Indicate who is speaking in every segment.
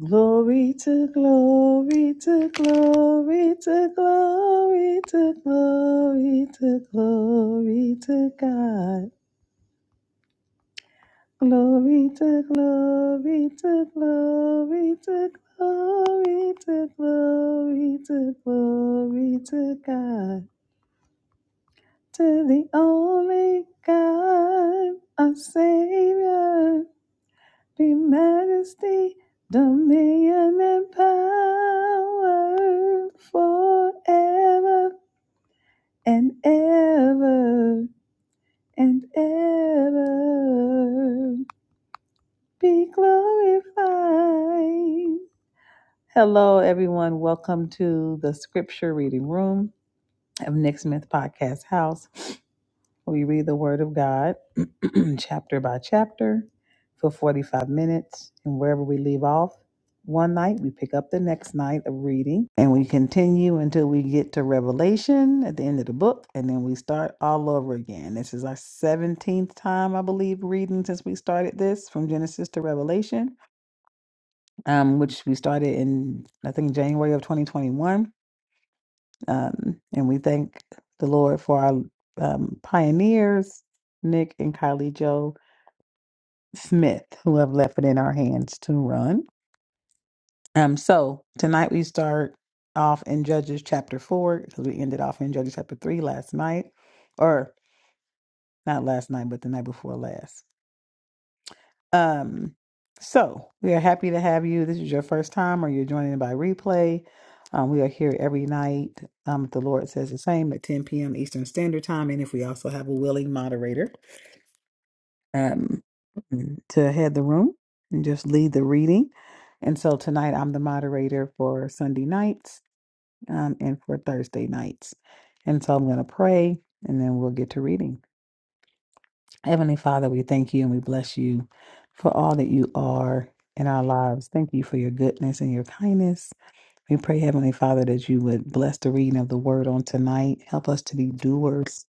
Speaker 1: Glory to glory to glory to glory to glory to glory to God. Glory to glory to glory to glory to glory to glory to God. To the only God, our Savior. be majesty, dominion, and power forever and ever and ever. Be glorified. Hello, everyone. Welcome to the scripture reading room of Nick Smith Podcast House. We read the Word of God chapter by chapter for 45 minutes. And wherever we leave off one night, we pick up the next night of reading and we continue until we get to Revelation at the end of the book. And then we start all over again. This is our 17th time, I believe, reading since we started this from Genesis to Revelation, um, which we started in, I think, January of 2021 um, and we thank the Lord for our um, pioneers, Nick and Kylie Joe Smith, who have left it in our hands to run. Um, so tonight we start off in Judges chapter four because we ended off in Judges chapter three last night, or not last night, but the night before last. Um, so we are happy to have you. This is your first time, or you're joining by replay. Um, we are here every night. Um, if the Lord says the same at 10 p.m. Eastern Standard Time, and if we also have a willing moderator um, mm, to head the room and just lead the reading. And so tonight I'm the moderator for Sunday nights um, and for Thursday nights. And so I'm going to pray, and then we'll get to reading. Heavenly Father, we thank you and we bless you for all that you are in our lives. Thank you for your goodness and your kindness. We pray, Heavenly Father, that you would bless the reading of the word on tonight. Help us to be doers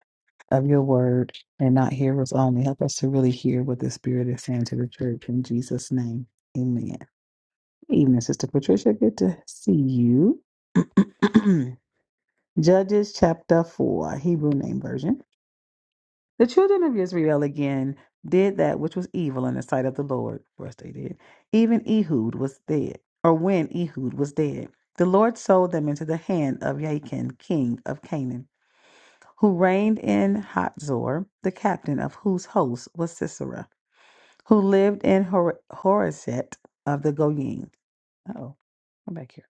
Speaker 1: of your word and not hearers only. Help us to really hear what the Spirit is saying to the church. In Jesus' name, amen. Good evening, Sister Patricia. Good to see you. Judges chapter 4, Hebrew name version. The children of Israel again did that which was evil in the sight of the Lord. First, they did. Even Ehud was dead, or when Ehud was dead, the Lord sold them into the hand of Jachin, king of Canaan, who reigned in Hatzor, the captain of whose host was Sisera, who lived in Hor- Horeset of the Goyim. Oh, I'm back here.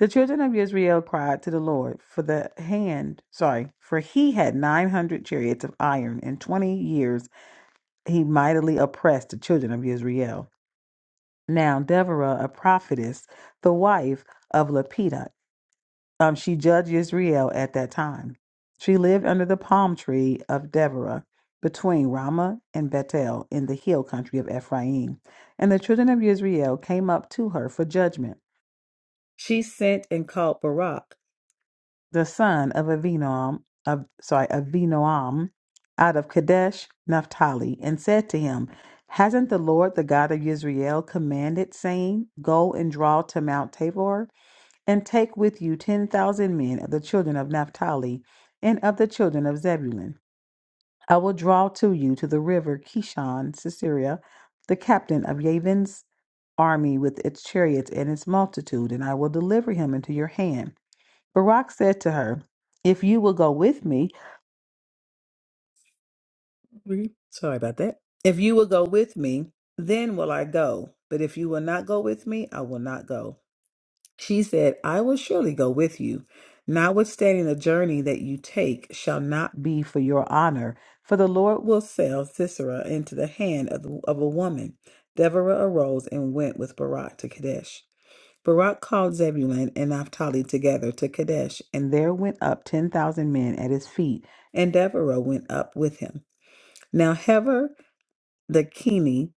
Speaker 1: The children of Israel cried to the Lord for the hand, sorry, for he had 900 chariots of iron and 20 years he mightily oppressed the children of Israel. Now Deborah, a prophetess, the wife of Lepida, um, she judged Israel at that time. She lived under the palm tree of Deborah between Ramah and Bethel in the hill country of Ephraim. And the children of Israel came up to her for judgment. She sent and called Barak the son of Avinoam, of sorry, Avinoam, out of Kadesh Naphtali, and said to him, Hasn't the Lord, the God of Israel, commanded, saying, 'Go and draw to Mount Tabor, and take with you ten thousand men of the children of Naphtali and of the children of Zebulun? I will draw to you to the river Kishon, Sisera, the captain of Yavin's army with its chariots and its multitude, and I will deliver him into your hand Barak said to her, If you will go with me, Mhm. Sorry about that. If you will go with me, then will I go. But if you will not go with me, I will not go. She said, I will surely go with you. Notwithstanding the journey that you take shall not be for your honor, for the Lord will sell Sisera into the hand of, the, of a woman. Deborah arose and went with Barak to Kadesh. Barak called Zebulun and Naphtali together to Kadesh, and there went up ten thousand men at his feet, and Deborah went up with him. Now Heber the Keni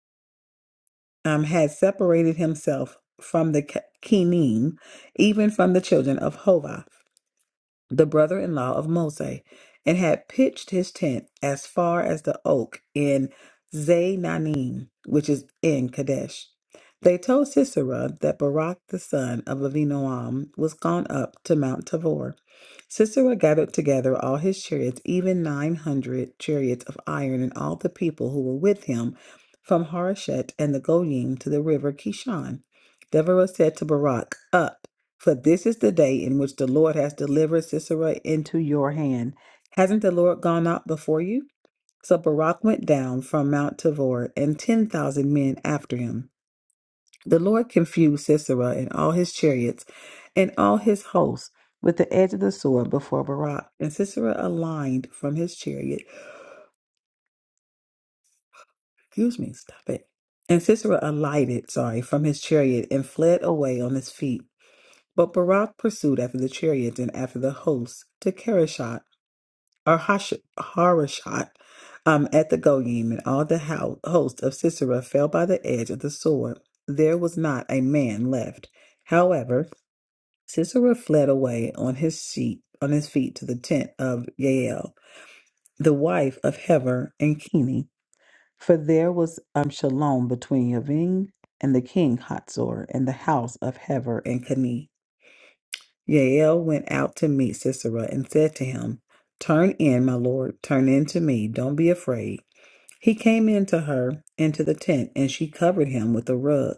Speaker 1: um, had separated himself from the Ke- Kenim, even from the children of Hova the brother in law of Mose, and had pitched his tent as far as the oak in Zainanim, which is in Kadesh. They told Sisera that Barak the son of Levinoam was gone up to Mount Tabor. Sisera gathered together all his chariots, even 900 chariots of iron, and all the people who were with him from Harshet and the Goyim to the river Kishon. Deborah said to Barak, Up. For this is the day in which the Lord has delivered Sisera into your hand. Hasn't the Lord gone out before you? So Barak went down from Mount Tabor, and 10,000 men after him. The Lord confused Sisera and all his chariots and all his hosts with the edge of the sword before Barak. And Sisera aligned from his chariot. Excuse me, stop it. And Sisera alighted, sorry, from his chariot and fled away on his feet. But Barak pursued after the chariots and after the hosts to Kerishah or Hash- Harashot um, at the Goyim, and all the hou- host of Sisera fell by the edge of the sword. There was not a man left. However, Sisera fled away on his sheep, on his feet to the tent of Yael, the wife of Heber and Keni, for there was um, shalom between Yavin and the king Hatzor and the house of Heber and Keni. Yael went out to meet Sisera and said to him, Turn in, my lord, turn in to me, don't be afraid. He came in to her into the tent, and she covered him with a rug.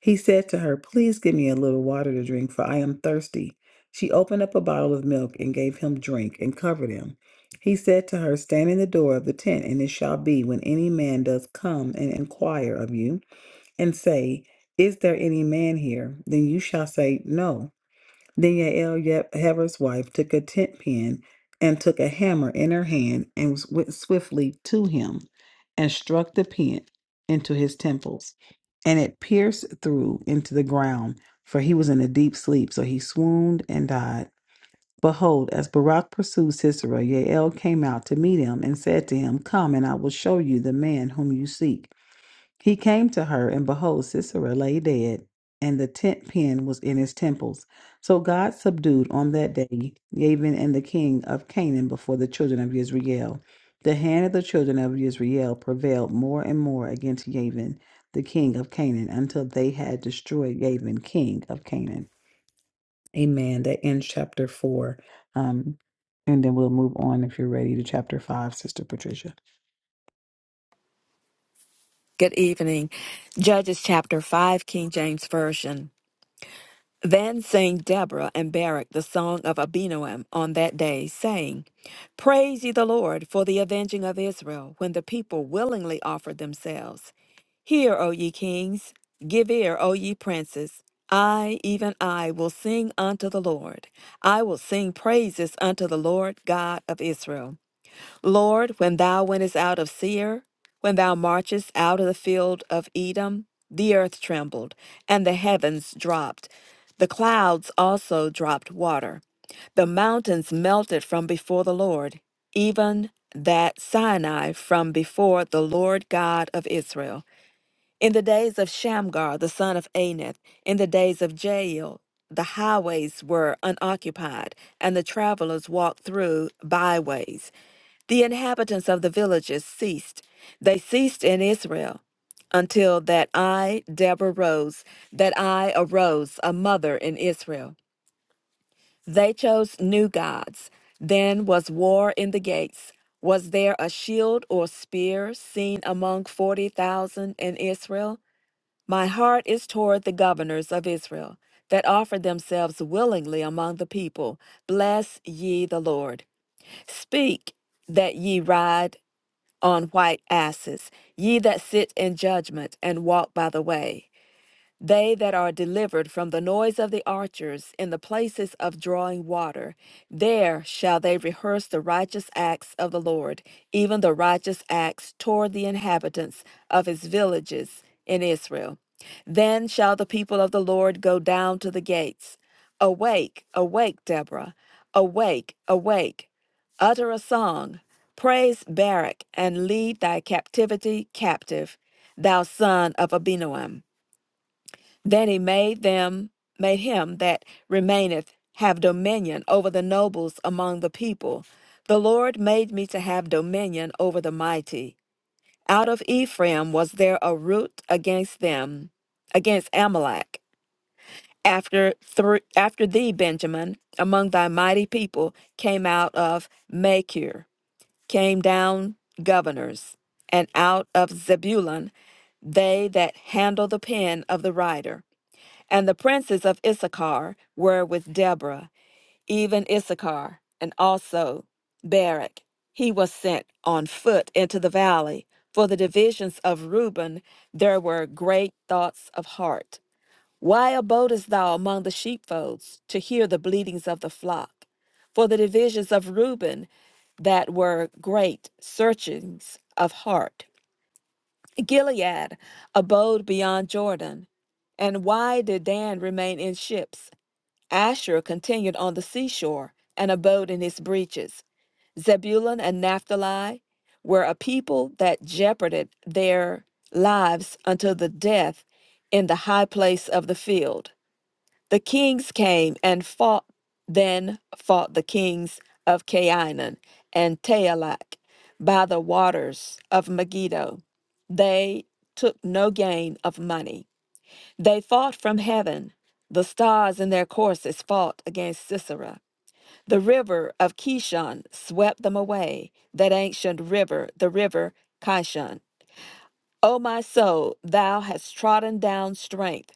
Speaker 1: He said to her, Please give me a little water to drink, for I am thirsty. She opened up a bottle of milk and gave him drink and covered him. He said to her, Stand in the door of the tent, and it shall be when any man does come and inquire of you, and say, 'Is there any man here? Then you shall say, 'No.'" Then Yael Yep Heber's wife took a tent pin and took a hammer in her hand and was- went swiftly to him and struck the pin into his temples. And it pierced through into the ground, for he was in a deep sleep. So he swooned and died. Behold, as Barak pursued Sisera, Yael came out to meet him and said to him, Come, and I will show you the man whom you seek. He came to her, and behold, Sisera lay dead, and the tent pin was in his temples. So God subdued on that day Yabin and the king of Canaan before the children of Israel. The hand of the children of Israel prevailed more and more against Yabin, the king of Canaan, until they had destroyed Yabin, king of Canaan. Amen. That ends chapter four. Um, and then we'll move on if you're ready to chapter five, Sister Patricia.
Speaker 2: Good evening. Judges chapter 5, King James Version. Then sang Deborah and Barak the song of Abinoam on that day, saying, Praise ye the Lord for the avenging of Israel, when the people willingly offered themselves. Hear, O ye kings, give ear, O ye princes. I, even I, will sing unto the Lord. I will sing praises unto the Lord God of Israel. Lord, when thou wentest out of Seir, when thou marchest out of the field of Edom, the earth trembled, and the heavens dropped. The clouds also dropped water. The mountains melted from before the Lord, even that Sinai from before the Lord God of Israel. In the days of Shamgar the son of Anath, in the days of Jael, the highways were unoccupied, and the travelers walked through byways. The inhabitants of the villages ceased. They ceased in Israel until that I, Deborah, rose, that I arose, a mother in Israel. They chose new gods. Then was war in the gates. Was there a shield or spear seen among 40,000 in Israel? My heart is toward the governors of Israel that offer themselves willingly among the people. Bless ye the Lord. Speak that ye ride on white asses, ye that sit in judgment and walk by the way. They that are delivered from the noise of the archers in the places of drawing water, there shall they rehearse the righteous acts of the Lord, even the righteous acts toward the inhabitants of his villages in Israel. Then shall the people of the Lord go down to the gates. Awake, awake, Deborah. Awake, awake. Utter a song. Praise Barak and lead thy captivity captive, thou son of Abinoam. Then he made them, made him that remaineth have dominion over the nobles among the people. The Lord made me to have dominion over the mighty. Out of Ephraim was there a root against them, against Amalek. After thr after thee, Benjamin, among thy mighty people, came out of Machir, came down governors, and out of Zebulun, they that handle the pen of the writer. And the princes of Issachar were with Deborah, even Issachar, and also Barak. He was sent on foot into the valley. For the divisions of Reuben, there were great thoughts of heart. Why abodest thou among the sheepfolds to hear the bleatings of the flock? For the divisions of Reuben, that were great searchings of heart. Gilead abode beyond Jordan. And why did Dan remain in ships? Asher continued on the seashore and abode in his breeches. Zebulun and Naphtali were a people that jeoparded their lives unto the death in the high place of the field. The kings came and fought, then fought the kings of Canaan and Taelak by the waters of Megiddo. They took no gain of money. They fought from heaven. The stars in their courses fought against Sisera. The river of Kishon swept them away, that ancient river, the river Kishon. O my soul, thou hast trodden down strength.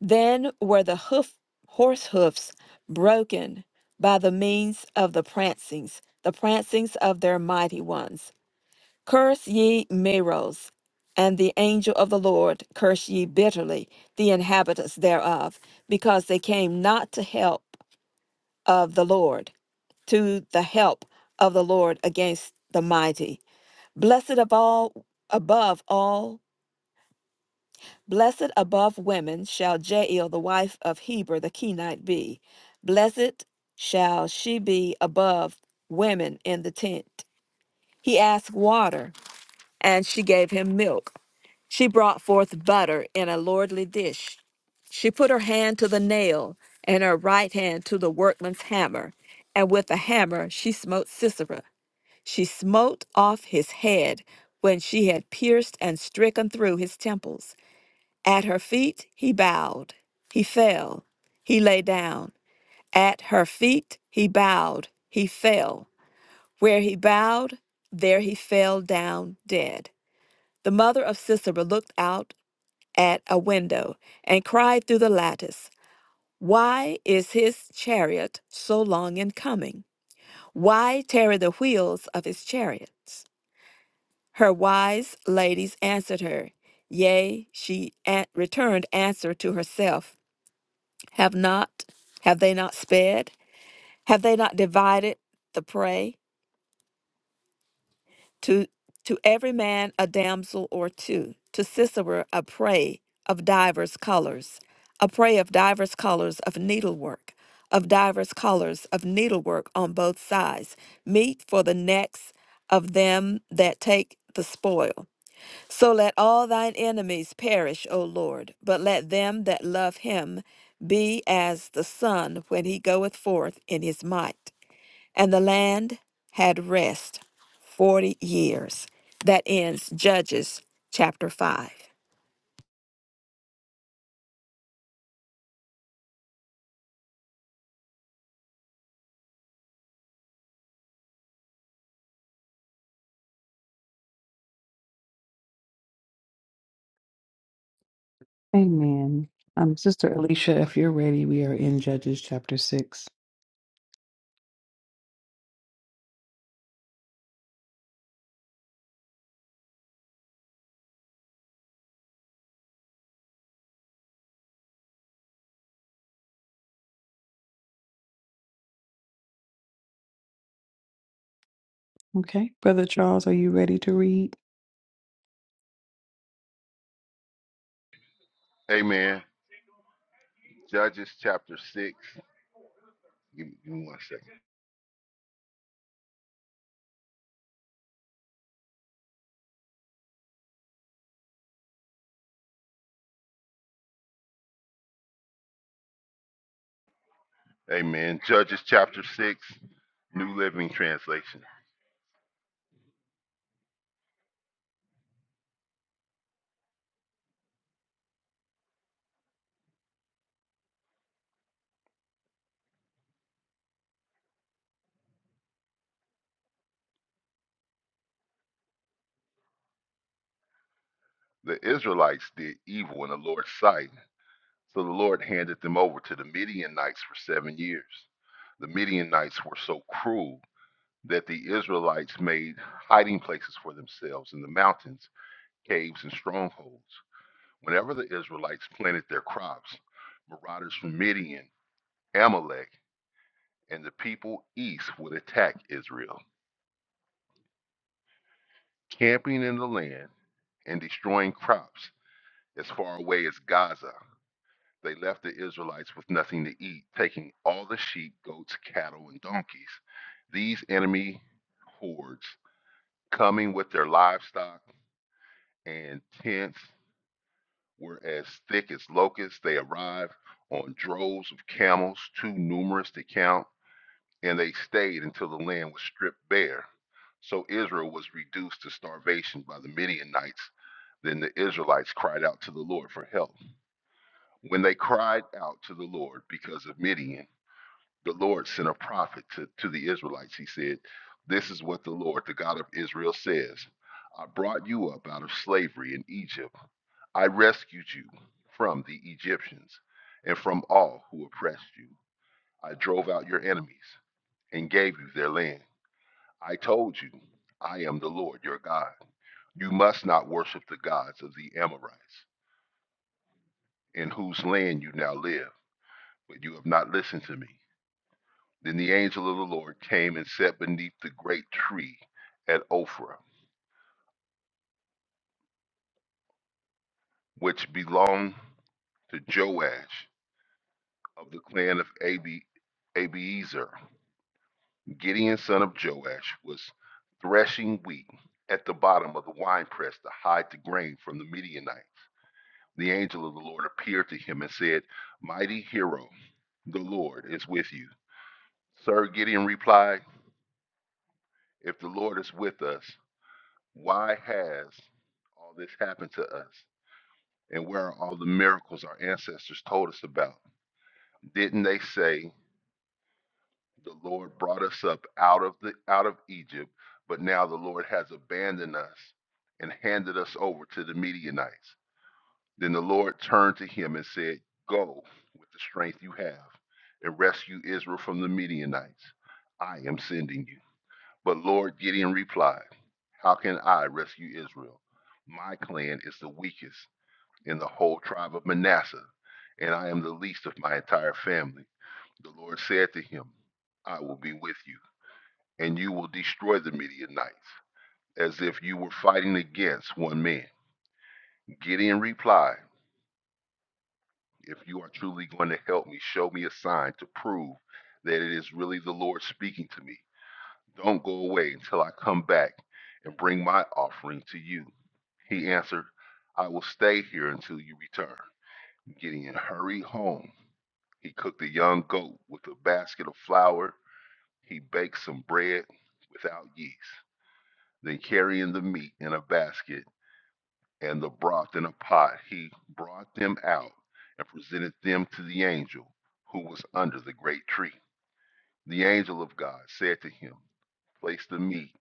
Speaker 2: Then were the hoof, horse hoofs broken by the means of the prancings, the prancings of their mighty ones. Curse ye Meroz, and the angel of the Lord curse ye bitterly the inhabitants thereof, because they came not to help of the Lord, to the help of the Lord against the mighty. Blessed of all above all Blessed above women shall Jael the wife of Heber the Kenite be. Blessed shall she be above women in the tent. He asked water, and she gave him milk. She brought forth butter in a lordly dish. She put her hand to the nail, and her right hand to the workman's hammer. And with the hammer she smote Sisera. She smote off his head when she had pierced and stricken through his temples. At her feet he bowed, he fell, he lay down. At her feet he bowed, he fell. Where he bowed, there he fell down dead. The mother of Sisera looked out at a window and cried through the lattice, Why is his chariot so long in coming? Why tarry the wheels of his chariots? Her wise ladies answered her, Yea, she returned answer to herself. Have not, have they not spared? Have they not divided the prey? To, to every man a damsel or two, to Sisera a prey of divers colors, a prey of divers colors of needlework, of divers colors of needlework on both sides, meat for the necks of them that take the spoil. So let all thine enemies perish, O Lord, but let them that love him be as the sun when he goeth forth in his might. And the land had rest forty years. That ends Judges chapter 5.
Speaker 1: Amen. Um, Sister Alicia, if you're ready, we are in Judges chapter 6. Okay. Brother Charles, are you ready to read?
Speaker 3: Amen. Judges chapter 6. Give me, give me one second. Amen. Judges chapter 6, New Living Translation. The Israelites did evil in the Lord's sight, so the Lord handed them over to the Midianites for seven years. The Midianites were so cruel that the Israelites made hiding places for themselves in the mountains, caves, and strongholds. Whenever the Israelites planted their crops, marauders from Midian, Amalek, and the people east would attack Israel, camping in the land and destroying crops as far away as Gaza. They left the Israelites with nothing to eat, taking all the sheep, goats, cattle, and donkeys. These enemy hordes, coming with their livestock and tents, were as thick as locusts. They arrived on droves of camels, too numerous to count and they stayed until the land was stripped bare. So Israel was reduced to starvation by the Midianites. Then the Israelites cried out to the Lord for help. When they cried out to the Lord because of Midian, the Lord sent a prophet to, to the Israelites. He said, This is what the Lord, the God of Israel, says I brought you up out of slavery in Egypt. I rescued you from the Egyptians and from all who oppressed you. I drove out your enemies and gave you their land. I told you, I am the Lord your God. You must not worship the gods of the Amorites, in whose land you now live, but you have not listened to me. Then the angel of the Lord came and sat beneath the great tree at Ophrah, which belonged to Joash of the clan of Abi- Abiezer. Gideon, son of Joash, was threshing wheat at the bottom of the winepress to hide the grain from the Midianites. The angel of the Lord appeared to him and said, Mighty hero, the Lord is with you. Sir Gideon replied, If the Lord is with us, why has all this happened to us? And where are all the miracles our ancestors told us about? Didn't they say the Lord brought us up out of the out of Egypt, but now the Lord has abandoned us and handed us over to the Midianites? Then the Lord turned to him and said, Go with the strength you have and rescue Israel from the Midianites. I am sending you. But Lord Gideon replied, How can I rescue Israel? My clan is the weakest in the whole tribe of Manasseh, and I am the least of my entire family. The Lord said to him, I will be with you, and you will destroy the Midianites, as if you were fighting against one man. Gideon replied, If you are truly going to help me, show me a sign to prove that it is really the Lord speaking to me. Don't go away until I come back and bring my offering to you. He answered, I will stay here until you return. Gideon hurried home. He cooked a young goat with a basket of flour. He baked some bread without yeast. Then, carrying the meat in a basket, and the broth in a pot, he brought them out and presented them to the angel who was under the great tree. The angel of God said to him, Place the meat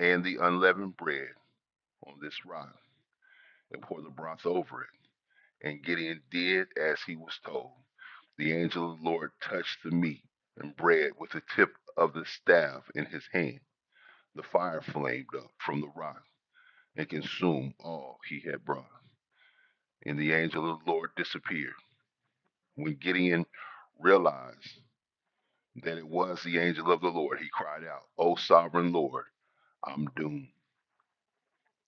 Speaker 3: and the unleavened bread on this rock and pour the broth over it. And Gideon did as he was told. The angel of the Lord touched the meat and bread with the tip of the staff in his hand. The fire flamed up from the rock and consumed all he had brought. And the angel of the Lord disappeared When Gideon realized that it was the angel of the Lord, he cried out, O sovereign Lord, I'm doomed.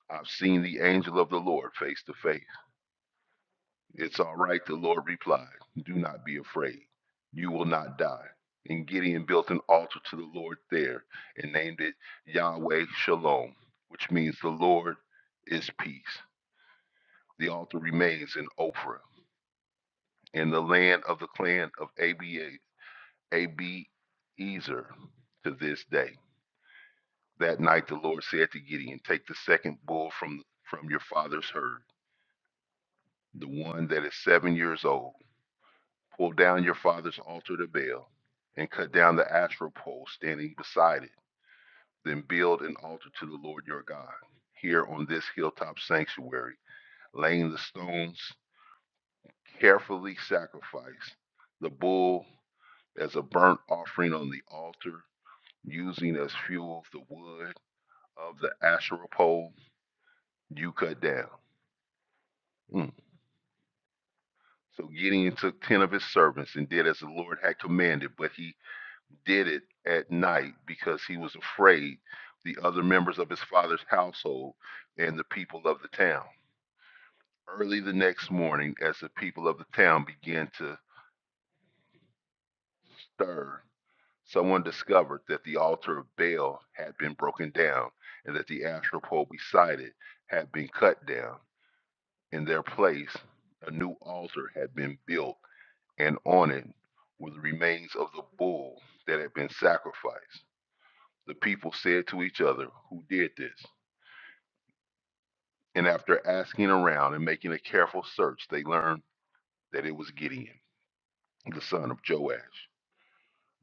Speaker 3: I've seen the angel of the Lord face to face. It's all right, the Lord replied. Do not be afraid. You will not die. And Gideon built an altar to the Lord there and named it Yahweh Shalom, which means the Lord is peace. The altar remains in Ophrah, in the land of the clan of Abi- Abiezer to this day. That night the Lord said to Gideon, Take the second bull from, from your father's herd, the one that is seven years old. Pull down your father's altar to Baal, and cut down the asherah pole standing beside it. Then build an altar to the Lord your God here on this hilltop sanctuary, laying the stones carefully sacrifice the bull as a burnt offering on the altar, using as fuel the wood of the asherah pole you cut down. Hmm. So Gideon took ten of his servants and did as the Lord had commanded, but he did it at night because he was afraid the other members of his father's household and the people of the town. Early the next morning, as the people of the town began to stir, someone discovered that the altar of Baal had been broken down and that the astral pole beside it had been cut down. In their place, a new altar had been built and on it were the remains of the bull that had been sacrificed. The people said to each other, Who did this? And after asking around and making a careful search, they learned that it was Gideon, the son of Joash.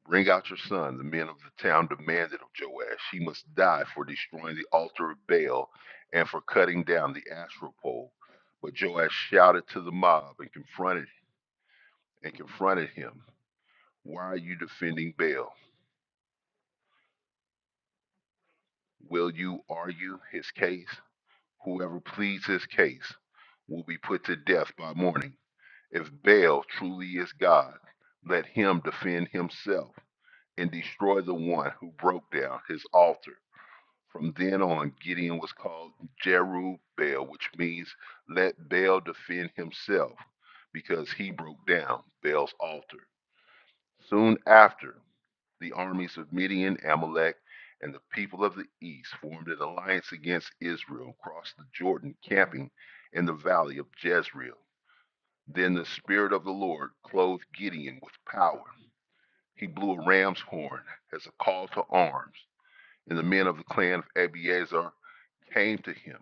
Speaker 3: Bring out your son, the men of the town demanded of Joash. He must die for destroying the altar of Baal and for cutting down the Asherah pole. But Joash shouted to the mob and confronted and confronted him. Why are you defending Baal? Will you argue his case? Whoever pleads his case will be put to death by morning. If Baal truly is God, let him defend himself and destroy the one who broke down his altar. From then on, Gideon was called Jerubbaal, which means let Baal defend himself because he broke down Baal's altar. Soon after, the armies of Midian, Amalek, and the people of the east formed an alliance against Israel, crossed the Jordan, camping in the valley of Jezreel. Then the Spirit of the Lord clothed Gideon with power. He blew a ram's horn as a call to arms, and the men of the clan of Abiezer came to him.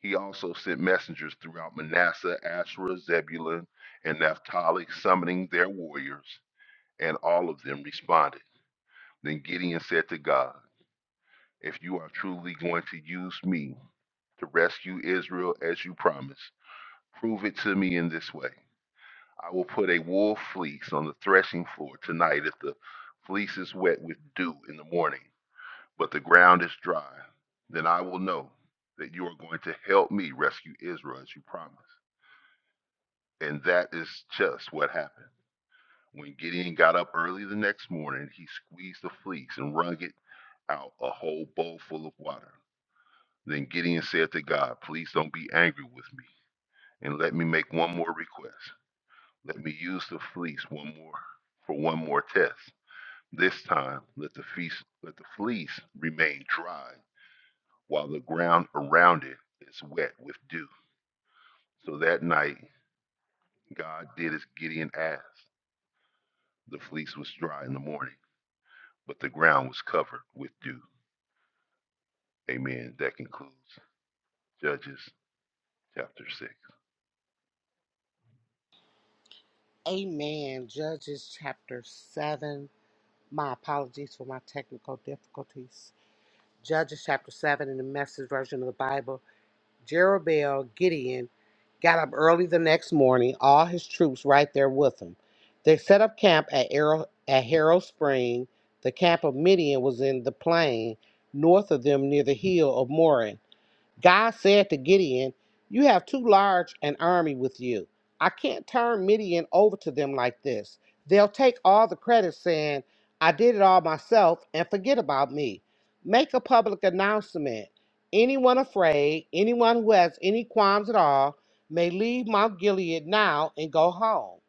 Speaker 3: He also sent messengers throughout Manasseh, Asherah, Zebulun, and Naphtali, summoning their warriors, and all of them responded. Then Gideon said to God, if you are truly going to use me to rescue Israel as you promised, prove it to me in this way. I will put a wool fleece on the threshing floor tonight if the fleece is wet with dew in the morning, but the ground is dry. Then I will know that you are going to help me rescue Israel as you promised. And that is just what happened. When Gideon got up early the next morning, he squeezed the fleece and wrung it out a whole bowl full of water. Then Gideon said to God, Please don't be angry with me, and let me make one more request. Let me use the fleece one more for one more test. This time let the fleece, let the fleece remain dry while the ground around it is wet with dew. So that night God did as Gideon asked. The fleece was dry in the morning, but the ground was covered with dew. Amen. That concludes Judges chapter six.
Speaker 4: Amen. Judges chapter 7. My apologies for my technical difficulties. Judges chapter 7 in the message version of the Bible. Jerubbaal Gideon got up early the next morning, all his troops right there with him. They set up camp at, Arrow, at Harrow Spring. The camp of Midian was in the plain north of them near the hill of Morin. God said to Gideon, You have too large an army with you. I can't turn Midian over to them like this. They'll take all the credit, saying, I did it all myself, and forget about me. Make a public announcement. Anyone afraid, anyone who has any qualms at all, may leave Mount Gilead now and go home.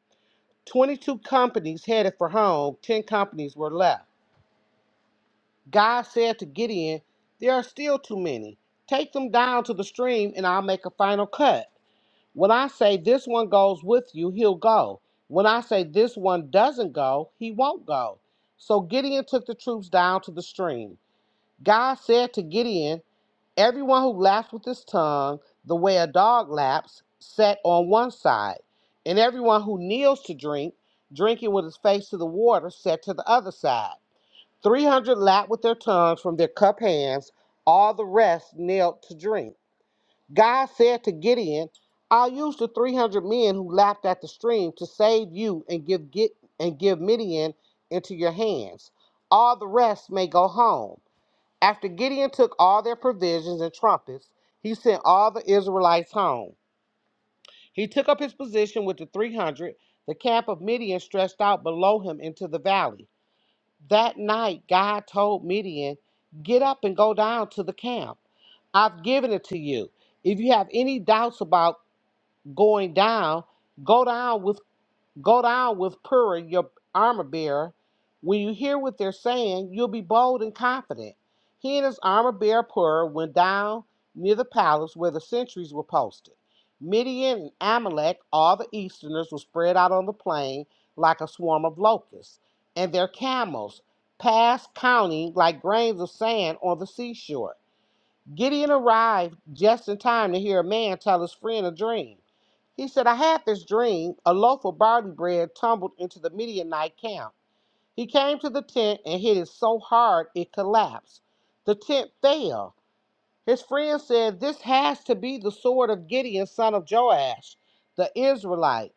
Speaker 4: 22 companies headed for home, 10 companies were left. God said to Gideon, There are still too many. Take them down to the stream, and I'll make a final cut. When I say this one goes with you, he'll go. When I say this one doesn't go, he won't go. So Gideon took the troops down to the stream. God said to Gideon, Everyone who laughs with his tongue, the way a dog laps, sat on one side, and everyone who kneels to drink, drinking with his face to the water, sat to the other side. 300 lapped with their tongues from their cup hands, all the rest knelt to drink. God said to Gideon, I'll use the 300 men who lapped at the stream to save you and give Gid- and give Midian into your hands. All the rest may go home. After Gideon took all their provisions and trumpets, he sent all the Israelites home. He took up his position with the 300. The camp of Midian stretched out below him into the valley. That night, God told Midian, Get up and go down to the camp. I've given it to you. If you have any doubts about going down, go down with Go down with Pura, your armor bearer. When you hear what they're saying, you'll be bold and confident. He and his armor bearer Pura went down near the palace where the sentries were posted. Midian and Amalek, all the easterners, were spread out on the plain like a swarm of locusts, and their camels passed counting like grains of sand on the seashore. Gideon arrived just in time to hear a man tell his friend a dream. He said, I had this dream. A loaf of barley bread tumbled into the Midianite camp. He came to the tent and hit it so hard it collapsed. The tent fell. His friend said, This has to be the sword of Gideon, son of Joash, the Israelite.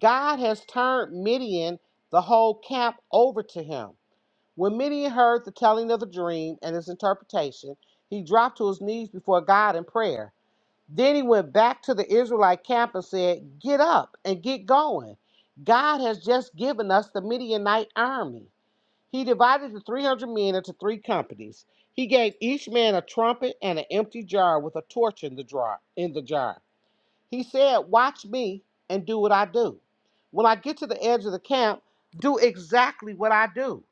Speaker 4: God has turned Midian, the whole camp, over to him. When Midian heard the telling of the dream and its interpretation, he dropped to his knees before God in prayer. Then he went back to the Israelite camp and said, Get up and get going. God has just given us the Midianite army. He divided the 300 men into three companies. He gave each man a trumpet and an empty jar with a torch in the jar. In the jar. He said, Watch me and do what I do. When I get to the edge of the camp, do exactly what I do.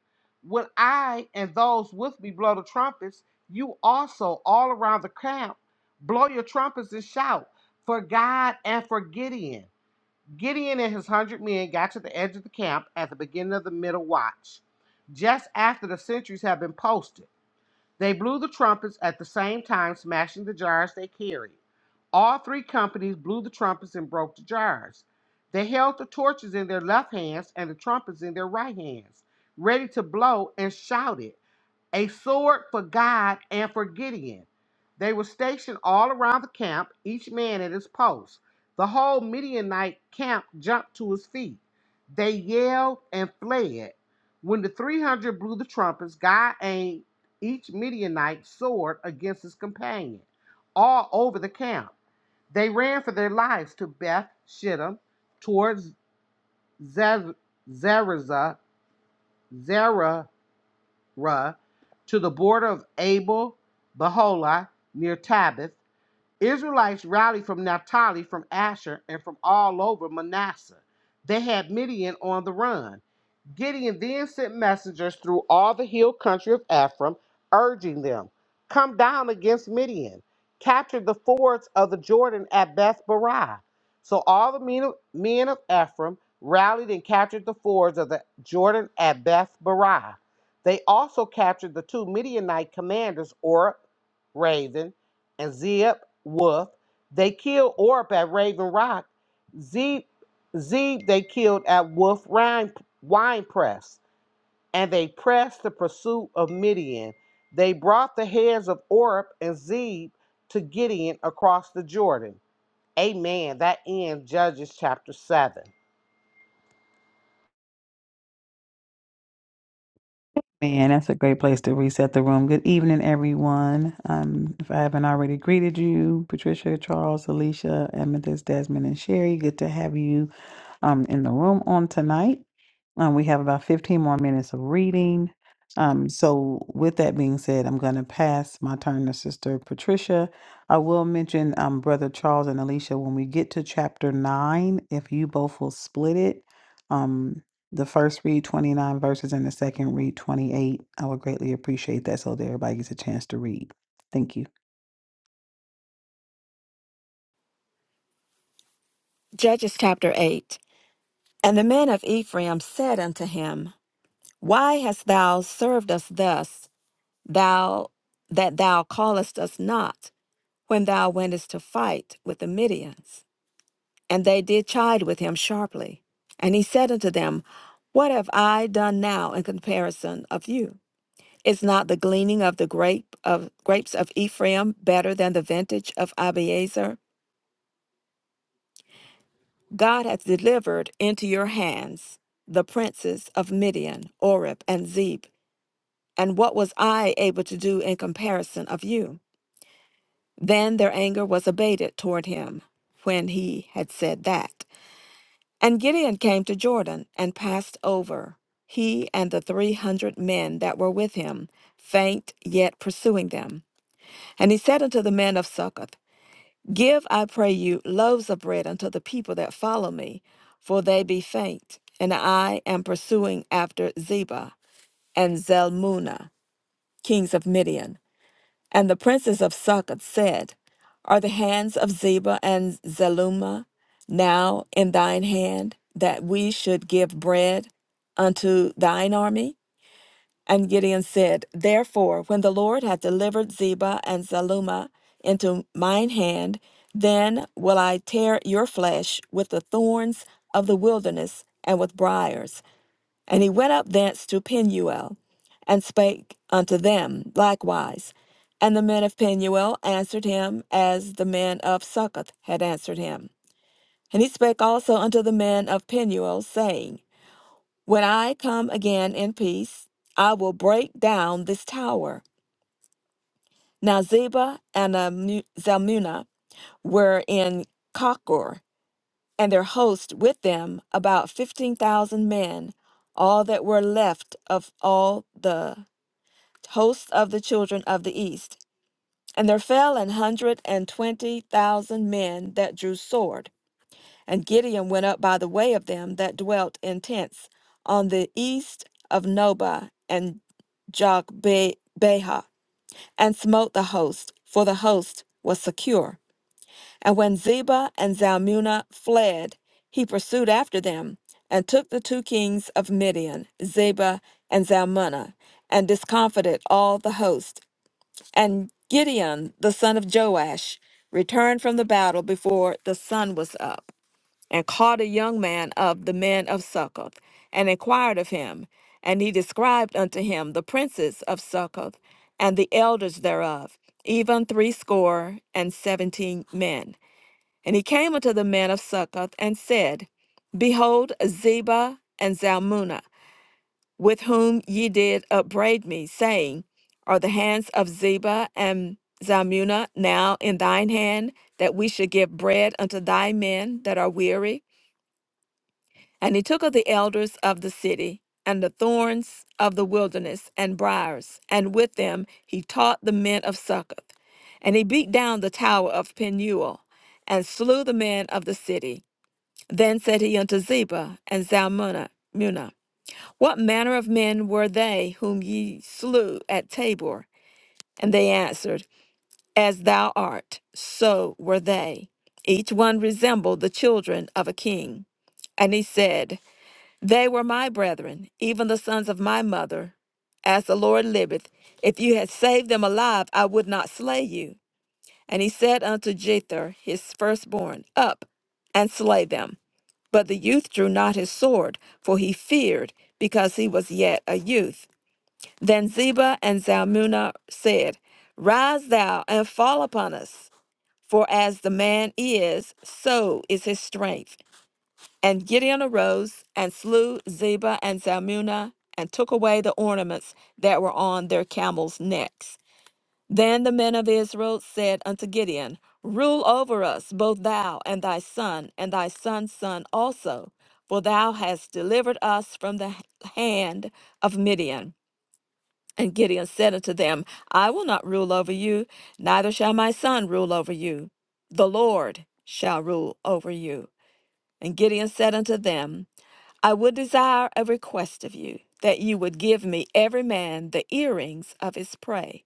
Speaker 4: When I and those with me blow the trumpets, you also, all around the camp, blow your trumpets and shout for God and for Gideon. Gideon and his hundred men got to the edge of the camp at the beginning of the middle watch, just after the sentries had been posted. They blew the trumpets at the same time, smashing the jars they carried. All three companies blew the trumpets and broke the jars. They held the torches in their left hands and the trumpets in their right hands, ready to blow, and shouted a sword for God and for Gideon. They were stationed all around the camp, each man at his post. The whole Midianite camp jumped to his feet. They yelled and fled. When the 300 blew the trumpets, God aimed each Midianite sword against his companion, all over the camp. They ran for their lives to Beth Shittim, towards Zer- Zerazah, Ra, to the border of Abel Beholah near Tabith. Israelites rallied from Naphtali, from Asher, and from all over Manasseh. They had Midian on the run. Gideon then sent messengers through all the hill country of Ephraim, urging them, Come down against Midian, capture the fords of the Jordan at Beth Barah. So all the men of, men of Ephraim rallied and captured the fords of the Jordan at Beth Barah. They also captured the two Midianite commanders, Oreb, Raven, and Zeb, Wolf. They killed Oreb at Raven Rock. Z they killed at Wolf Wine Press, and they pressed the pursuit of Midian. They brought the heads of Oreb and Zeb to Gideon across the Jordan. Amen. That ends Judges chapter 7.
Speaker 1: Man, that's a great place to reset the room. Good evening, everyone. Um, if I haven't already greeted you, Patricia, Charles, Alicia, Amethyst, Desmond, and Sherry, good to have you. um, in the room on tonight. Um, we have about 15 more minutes of reading. Um, so, with that being said, I'm going to pass my turn to Sister Patricia. I will mention um, Brother Charles and Alicia when we get to chapter 9, if you both will split it. Um, the first read 29 verses and the second read 28. I would greatly appreciate that so that everybody gets a chance to read. Thank you.
Speaker 2: Judges chapter 8. And the men of Ephraim said unto him, Why hast thou served us thus, thou that thou callest us not, when thou wentest to fight with the Midians? And they did chide with him sharply. And he said unto them, What have I done now in comparison of you? Is not the gleaning of the grape of grapes of Ephraim better than the vintage of Abiezer? God hath delivered into your hands the princes of Midian, Oreb, and Zeb. And what was I able to do in comparison of you? Then their anger was abated toward him when he had said that. And Gideon came to Jordan and passed over, he and the three hundred men that were with him, faint yet pursuing them. And he said unto the men of Succoth, Give, I pray you, loaves of bread unto the people that follow me, for they be faint, and I am pursuing after Zebah and Zalmunna, kings of Midian. And the princes of Succoth said, Are the hands of Zeba and Zalmunna now in thine hand, that we should give bread unto thine army? And Gideon said, Therefore, when the Lord hath delivered Zeba and Zalmunna into mine hand, then will I tear your flesh with the thorns of the wilderness and with briars. And he went up thence to Peniel, and spake unto them likewise. And the men of Peniel answered him as the men of Succoth had answered him. And he spake also unto the men of Peniel, saying, When I come again in peace, I will break down this tower. Now Zeba and Amu- Zalmunna were in Kakor, and their host with them about fifteen thousand men, all that were left of all the hosts of the children of the east. And there fell an hundred and twenty thousand men that drew sword. And Gideon went up by the way of them that dwelt in tents on the east of Nobah and Jogbeha, and smote the host, for the host was secure. And when Zeba and Zalmunna fled, he pursued after them, and took the two kings of Midian, Zeba and Zalmunna, and discomfited all the host and Gideon, the son of Joash, returned from the battle before the sun was up, and caught a young man of the men of Succoth, and inquired of him. And he described unto him the princes of Succoth, and the elders thereof, even threescore and seventeen men. And he came unto the men of Succoth, and said, Behold, Zeba and Zalmunna with whom ye did upbraid me, saying, Are the hands of Zeba and Zalmunna now in thine hand, that we should give bread unto thy men that are weary? And he took of the elders of the city, and the thorns of the wilderness, and briars, and with them he taught the men of Succoth. And he beat down the tower of Penuel, and slew the men of the city. Then said he unto Zeba and Zalmunna, what manner of men were they whom ye slew at Tabor? And they answered, As thou art, so were they. Each one resembled the children of a king. And he said, They were my brethren, even the sons of my mother. As the Lord liveth, if you had saved them alive, I would not slay you. And he said unto Jether, his firstborn, Up and slay them. But the youth drew not his sword, for he feared, because he was yet a youth. Then Zeba and Zalmunna said, Rise thou and fall upon us, for as the man is, so is his strength. And Gideon arose and slew Zeba and Zalmunna and took away the ornaments that were on their camels' necks. Then the men of Israel said unto Gideon, Rule over us, both thou and thy son, and thy son's son also, for thou hast delivered us from the hand of Midian. And Gideon said unto them, I will not rule over you, neither shall my son rule over you. The Lord shall rule over you. And Gideon said unto them, I would desire a request of you, that you would give me every man the earrings of his prey.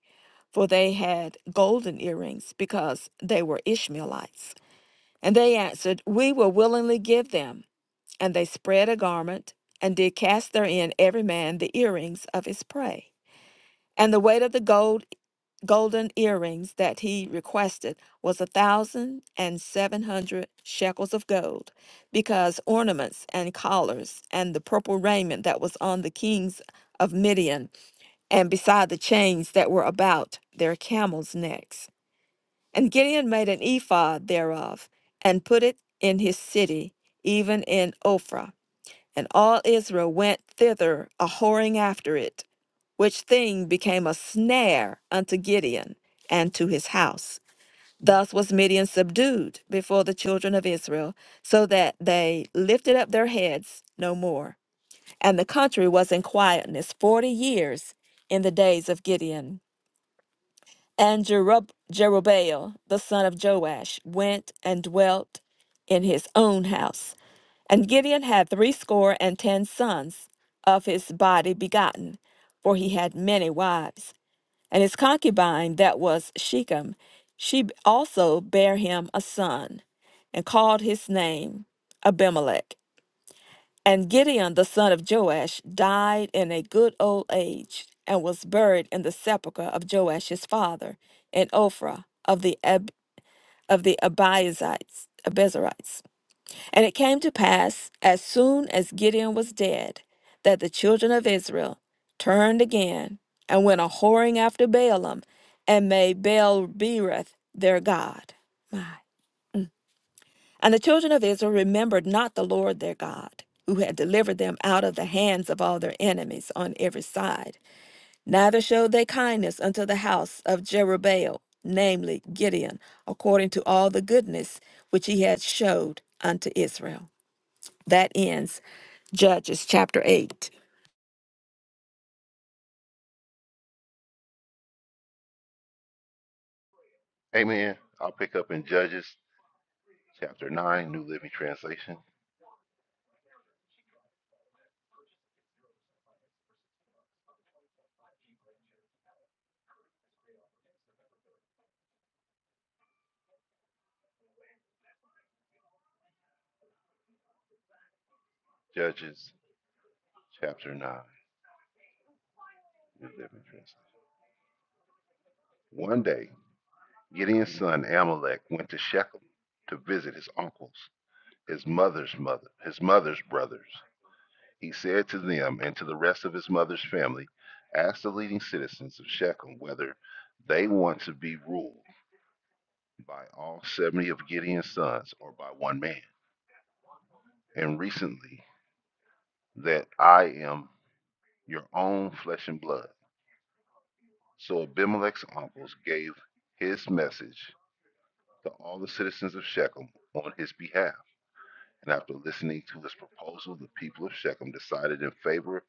Speaker 2: For they had golden earrings, because they were Ishmaelites. And they answered, We will willingly give them. And they spread a garment, and did cast therein every man the earrings of his prey. And the weight of the gold golden earrings that he requested was a thousand and seven hundred shekels of gold, because ornaments and collars and the purple raiment that was on the kings of Midian, and beside the chains that were about their camels' necks. And Gideon made an ephod thereof, and put it in his city, even in Ophrah. And all Israel went thither a whoring after it, which thing became a snare unto Gideon and to his house. Thus was Midian subdued before the children of Israel, so that they lifted up their heads no more. And the country was in quietness forty years in the days of Gideon. And Jerub- Jerubbaal, the son of Joash, went and dwelt in his own house. And Gideon had threescore and ten sons of his body begotten, for he had many wives. And his concubine, that was Shechem, she also bare him a son, and called his name Abimelech. And Gideon, the son of Joash, died in a good old age, and was buried in the sepulchre of Joash his father, in Ophrah of the Ab- of the Abiezrites. And it came to pass, as soon as Gideon was dead, that the children of Israel turned again and went a whoring after Baalim, and made Baal Berith their God. My. And the children of Israel remembered not the Lord their God, who had delivered them out of the hands of all their enemies on every side. Neither showed they kindness unto the house of Jerubbaal, namely Gideon, according to all the goodness which he had showed unto Israel. That ends Judges chapter 8.
Speaker 3: Amen. I'll pick up in Judges chapter 9, New Living Translation, Judges, chapter 9, New Living Translation. One day, Gideon's son Amalek went to Shechem to visit his uncles, his mother's mother, his mother's brothers. He said to them and to the rest of his mother's family, Ask the leading citizens of Shechem whether they want to be ruled by all 70 of Gideon's sons or by one man. And recently, that I am your own flesh and blood. So Abimelech's uncles gave his message to all the citizens of Shechem on his behalf. And after listening to his proposal, the people of Shechem decided in favor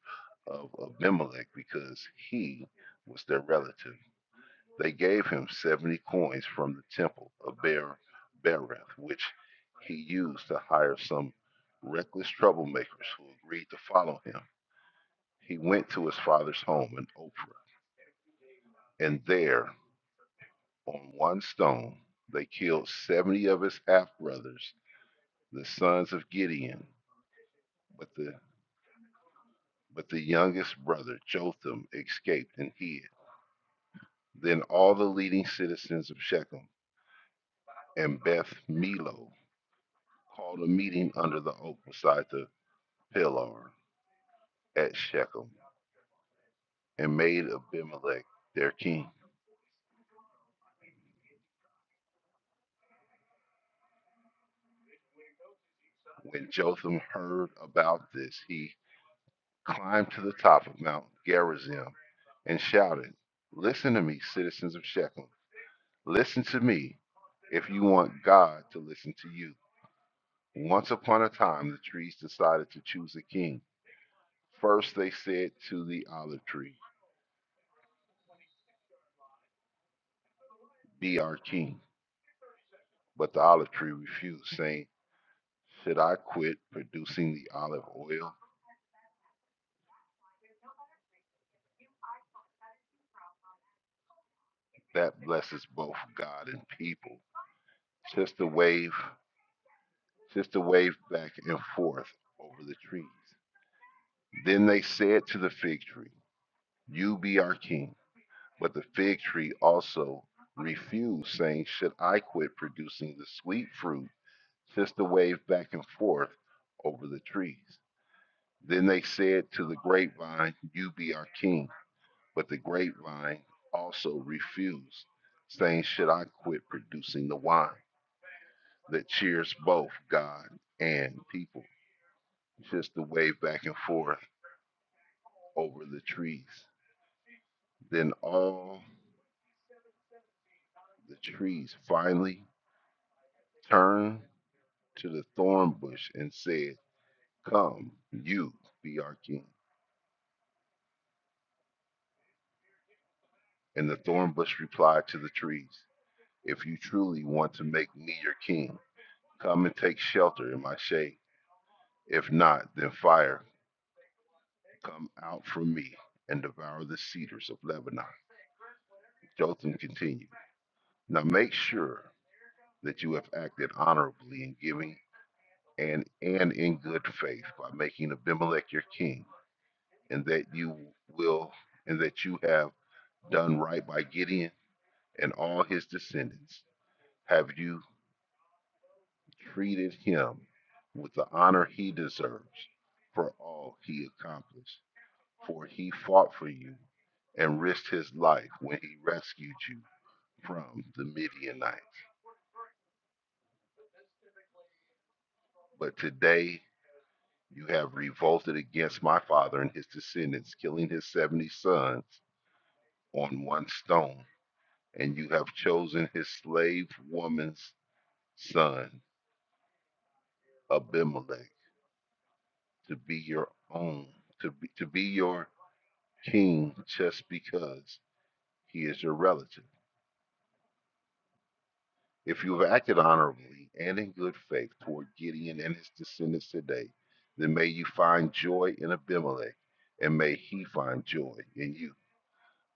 Speaker 3: of Abimelech because he was their relative. They gave him 70 coins from the temple of Ber- Bereth, which he used to hire some reckless troublemakers who agreed to follow him. He went to his father's home in Ophrah, and there On one stone, they killed 70 of his half brothers, the sons of Gideon, but the but the youngest brother, Jotham, escaped and hid. Then all the leading citizens of Shechem and Beth Millo called a meeting under the oak beside the pillar at Shechem and made Abimelech their king. When Jotham heard about this, he climbed to the top of Mount Gerizim and shouted, Listen to me, citizens of Shechem. Listen to me if you want God to listen to you. Once upon a time, the trees decided to choose a king. First, they said to the olive tree, Be our king. But the olive tree refused, saying, Should I quit producing the olive oil? That blesses both God and people. Just a wave, just a wave back and forth over the trees. Then they said to the fig tree, You be our king. But the fig tree also refused, saying, Should I quit producing the sweet fruit? Just Sister wave back and forth over the trees. Then they said to the grapevine, You be our king. But the grapevine also refused, saying, Should I quit producing the wine that cheers both God and people? Just Sister wave back and forth over the trees. Then all the trees finally turned to the thorn bush and said, Come, you be our king. And the thorn bush replied to the trees, If you truly want to make me your king, come and take shelter in my shade. If not, then fire come out from me and devour the cedars of Lebanon. Jotham continued, Now make sure that you have acted honorably in giving and, and in good faith by making Abimelech your king, and that you will and that you have done right by Gideon and all his descendants. Have you treated him with the honor he deserves for all he accomplished? For he fought for you and risked his life when he rescued you from the Midianites. But today you have revolted against my father and his descendants, killing his 70 sons on one stone, and you have chosen his slave woman's son, Abimelech to be your own, to be, to be your king just because he is your relative. If you have acted honorably and in good faith toward Gideon and his descendants today, then may you find joy in Abimelech, and may he find joy in you.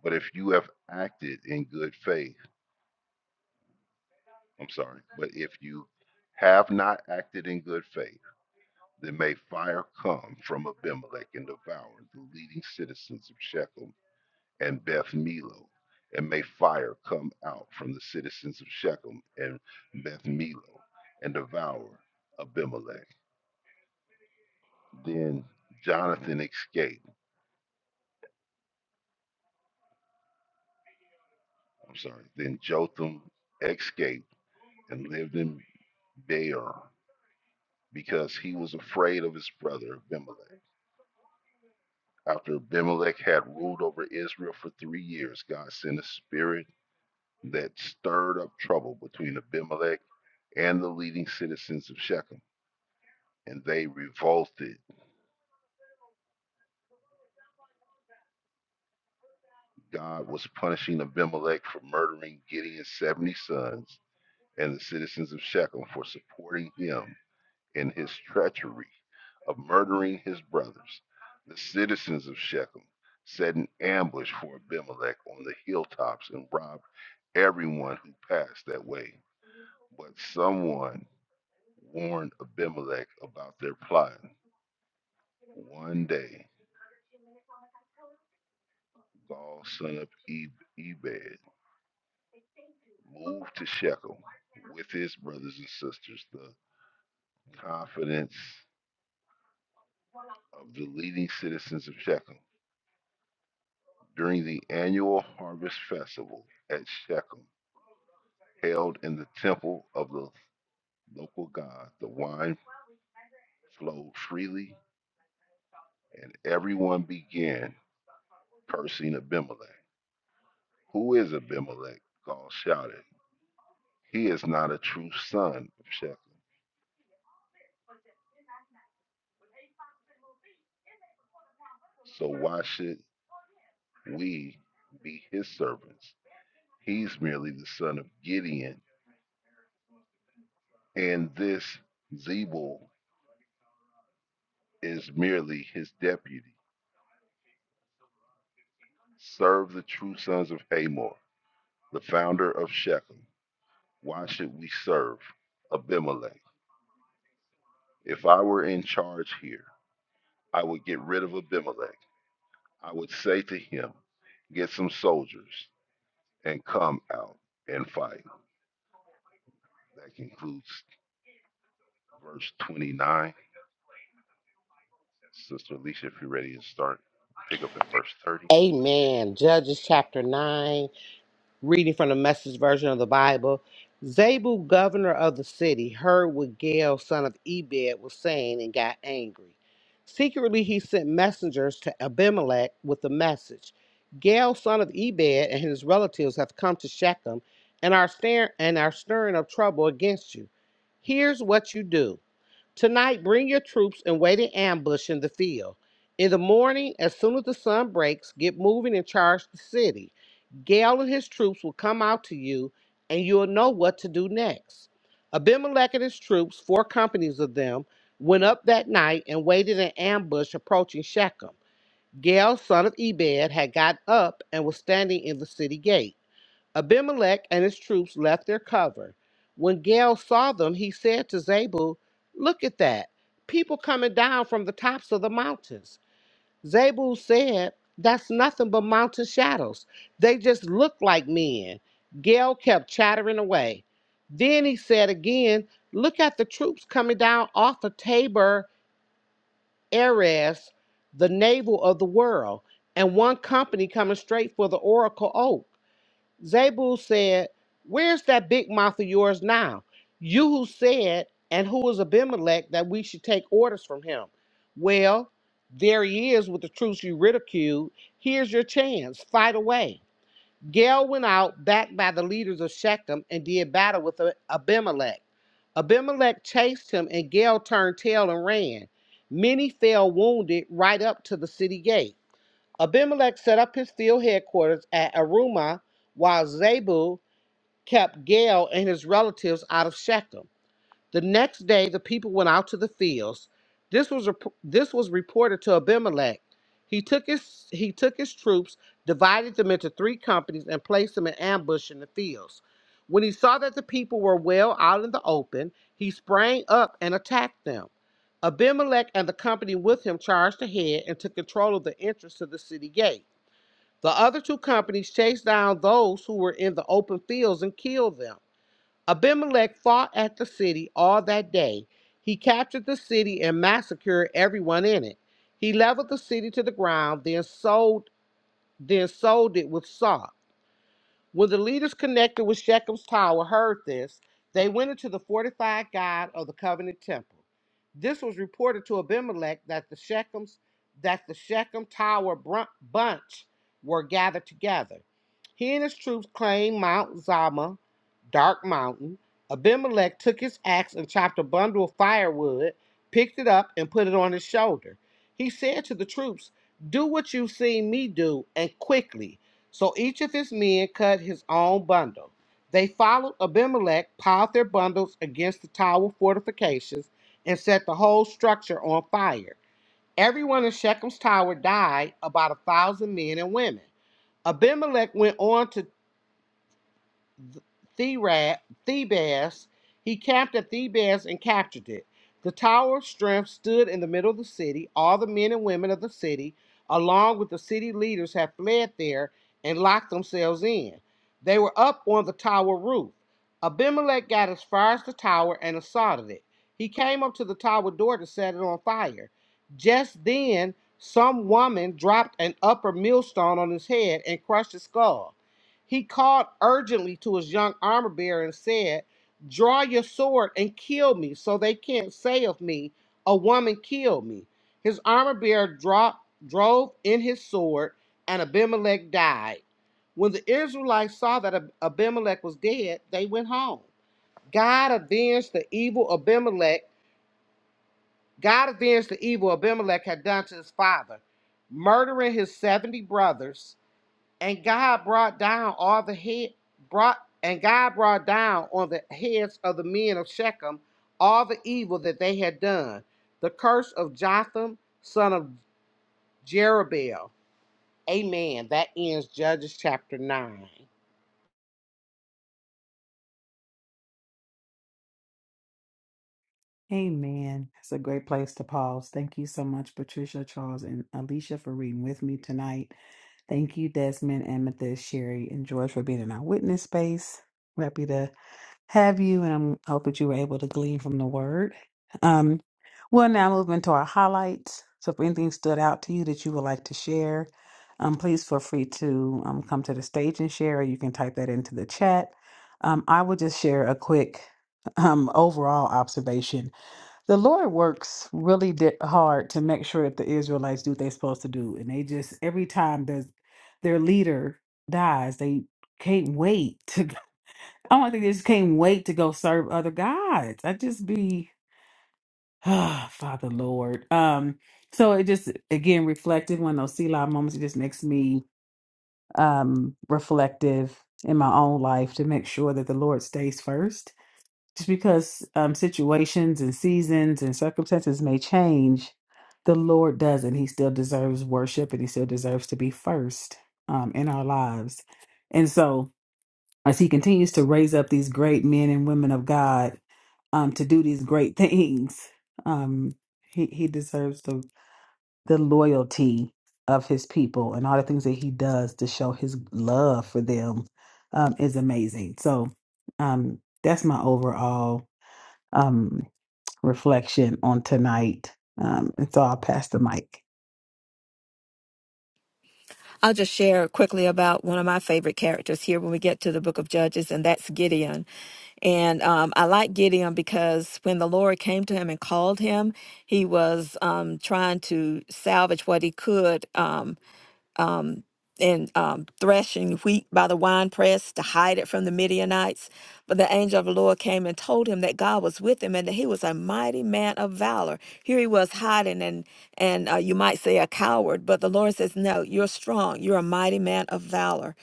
Speaker 3: But if you have acted in good faith, I'm sorry, but if you have not acted in good faith, then may fire come from Abimelech and devour the leading citizens of Shechem and Beth Milo, and may fire come out from the citizens of Shechem and Beth Milo and devour Abimelech. Then Jonathan escaped. I'm sorry. Then Jotham escaped and lived in Beer because he was afraid of his brother Abimelech. After Abimelech had ruled over Israel for three years, God sent a spirit that stirred up trouble between Abimelech and the leading citizens of Shechem. and they revolted. God was punishing Abimelech for murdering Gideon's 70 sons and the citizens of Shechem for supporting him in his treachery of murdering his brothers. The citizens of Shechem set an ambush for Abimelech on the hilltops and robbed everyone who passed that way. But someone warned Abimelech about their plot. One day, Gaul, son of Eb- Ebed, Moved to Shechem with his brothers and sisters, the confidence of the leading citizens of Shechem, during the annual harvest festival at Shechem, held in the temple of the local god. The wine flowed freely, and everyone began cursing Abimelech. Who is Abimelech? Gaul shouted. He is not a true son of Shechem. So why should we be his servants? He's merely the son of Gideon, and this Zebul is merely his deputy. Serve the true sons of Hamor, the founder of Shechem. Why should we serve Abimelech? If I were in charge here, I would get rid of Abimelech. I would say to him, Get some soldiers and come out and fight. That concludes verse 29. Sister Alicia, if you're ready to start, pick up at verse 30.
Speaker 4: Amen. Judges chapter 9. Reading from the message version of the Bible, Zabul, governor of the city, heard what Gael, son of Ebed, was saying and got angry. Secretly, he sent messengers to Abimelech with the message Gael, son of Ebed, and his relatives have come to Shechem and are, stir- and are stirring up trouble against you. Here's what you do. Tonight, bring your troops and wait in ambush in the field. In the morning, as soon as the sun breaks, get moving and charge the city. Gael and his troops will come out to you, and you'll know what to do next. Abimelech and his troops, four companies of them, went up that night and waited in ambush approaching Shechem. Gael, son of Ebed, had got up and was standing in the city gate. Abimelech and his troops left their cover. When Gael saw them, he said to Zabul, Look at that, people coming down from the tops of the mountains. Zabul said, That's nothing but mountain shadows. They just look like men. Gail kept chattering away. Then he said again, Look at the troops coming down off of Tabor Erez, the navel of the world, and one company coming straight for the Oracle Oak. Zebul said, Where's that big mouth of yours now? You who said, and who is Abimelech, that we should take orders from him? Well, there he is with the truth you ridiculed. Here's your chance. Fight away. Gael went out, backed by the leaders of Shechem, and did battle with Abimelech. Abimelech chased him, and Gael turned tail and ran. Many fell wounded right up to the city gate. Abimelech set up his field headquarters at Arumah, while Zebul kept Gale and his relatives out of Shechem. The next day, the people went out to the fields. This was rep- this was reported to Abimelech. He took his he took his troops, divided them into three companies, and placed them in ambush in the fields. When he saw that the people were well out in the open, he sprang up and attacked them. Abimelech and the company with him charged ahead and took control of the entrance to the city gate. The other two companies chased down those who were in the open fields and killed them. Abimelech fought at the city all that day. He captured the city and massacred everyone in it. He leveled the city to the ground, then sold, then sold it with salt. When the leaders connected with Shechem's tower heard this, they went into the fortified guard of the covenant temple. This was reported to Abimelech that the Shechem's that the Shechem tower brun- bunch were gathered together. He and his troops claimed Mount Zama, Dark Mountain. Abimelech took his axe and chopped a bundle of firewood, picked it up, and put it on his shoulder. He said to the troops, Do what you've seen me do, and quickly. So each of his men cut his own bundle. They followed Abimelech, piled their bundles against the tower fortifications, and set the whole structure on fire. Everyone in Shechem's tower died, about a thousand men and women. Abimelech went on to Thebes. He camped at Thebes and captured it. The Tower of Strength stood in the middle of the city. All the men and women of the city, along with the city leaders, had fled there and locked themselves in. They were up on the tower roof. Abimelech got as far as the tower and assaulted it. He came up to the tower door to set it on fire. Just then, some woman dropped an upper millstone on his head and crushed his skull. He called urgently to his young armor bearer and said, Draw your sword and kill me, so they can't say of me, A woman killed me. His armor bearer dropped, drove in his sword, and Abimelech died. When the Israelites saw that Ab- Abimelech was dead, they went home. God avenged the evil Abimelech. God avenged the evil Abimelech had done to his father, murdering his 70 brothers and God brought down all the head brought and God brought down on the heads of the men of Shechem all the evil that they had done. The curse of Jotham, son of Jerubbaal. Amen. That ends Judges chapter nine.
Speaker 1: Amen. That's a great place to pause. Thank you so much, Patricia, Charles, and Alicia for reading with me tonight. Thank you, Desmond, Amethyst, Sherry, and George for being in our witness space. We're happy to have you, and I'm hope that you were able to glean from the word. Um, we'll now move into our highlights. So, if anything stood out to you that you would like to share, um, please feel free to um, come to the stage and share, or you can type that into the chat. Um, I will just share a quick um, overall observation the Lord works really di- hard to make sure that the Israelites do what they're supposed to do, and they just every time there's their leader dies, they can't wait to. I don't think they just can't wait to go serve other gods. I just be, ah, Father Lord. Um, so it just again reflective one of those Selah moments. It just makes me um reflective in my own life to make sure that the Lord stays first just because um, situations and seasons and circumstances may change, the Lord doesn't. He still deserves worship and he still deserves to be first um, in our lives. And so, as he continues to raise up these great men and women of God um, to do these great things, um, he, he deserves the, the loyalty of his people and all the things that he does to show his love for them um, is amazing. So, um, that's my overall. Um, reflection on tonight. Um, and so I'll pass the mic.
Speaker 2: I'll just share quickly about one of my favorite characters here when we get to the book of Judges, and that's Gideon. And um, I like Gideon because when the Lord came to him and called him, he was um, trying to salvage what he could. Um, and um, threshing wheat by the winepress to hide it from the Midianites. But the angel of the Lord came and told him that God was with him and that he was a mighty man of valor. Here he was hiding and and uh, you might say a coward, but the Lord says, "No, you're strong. You're a mighty man of valor."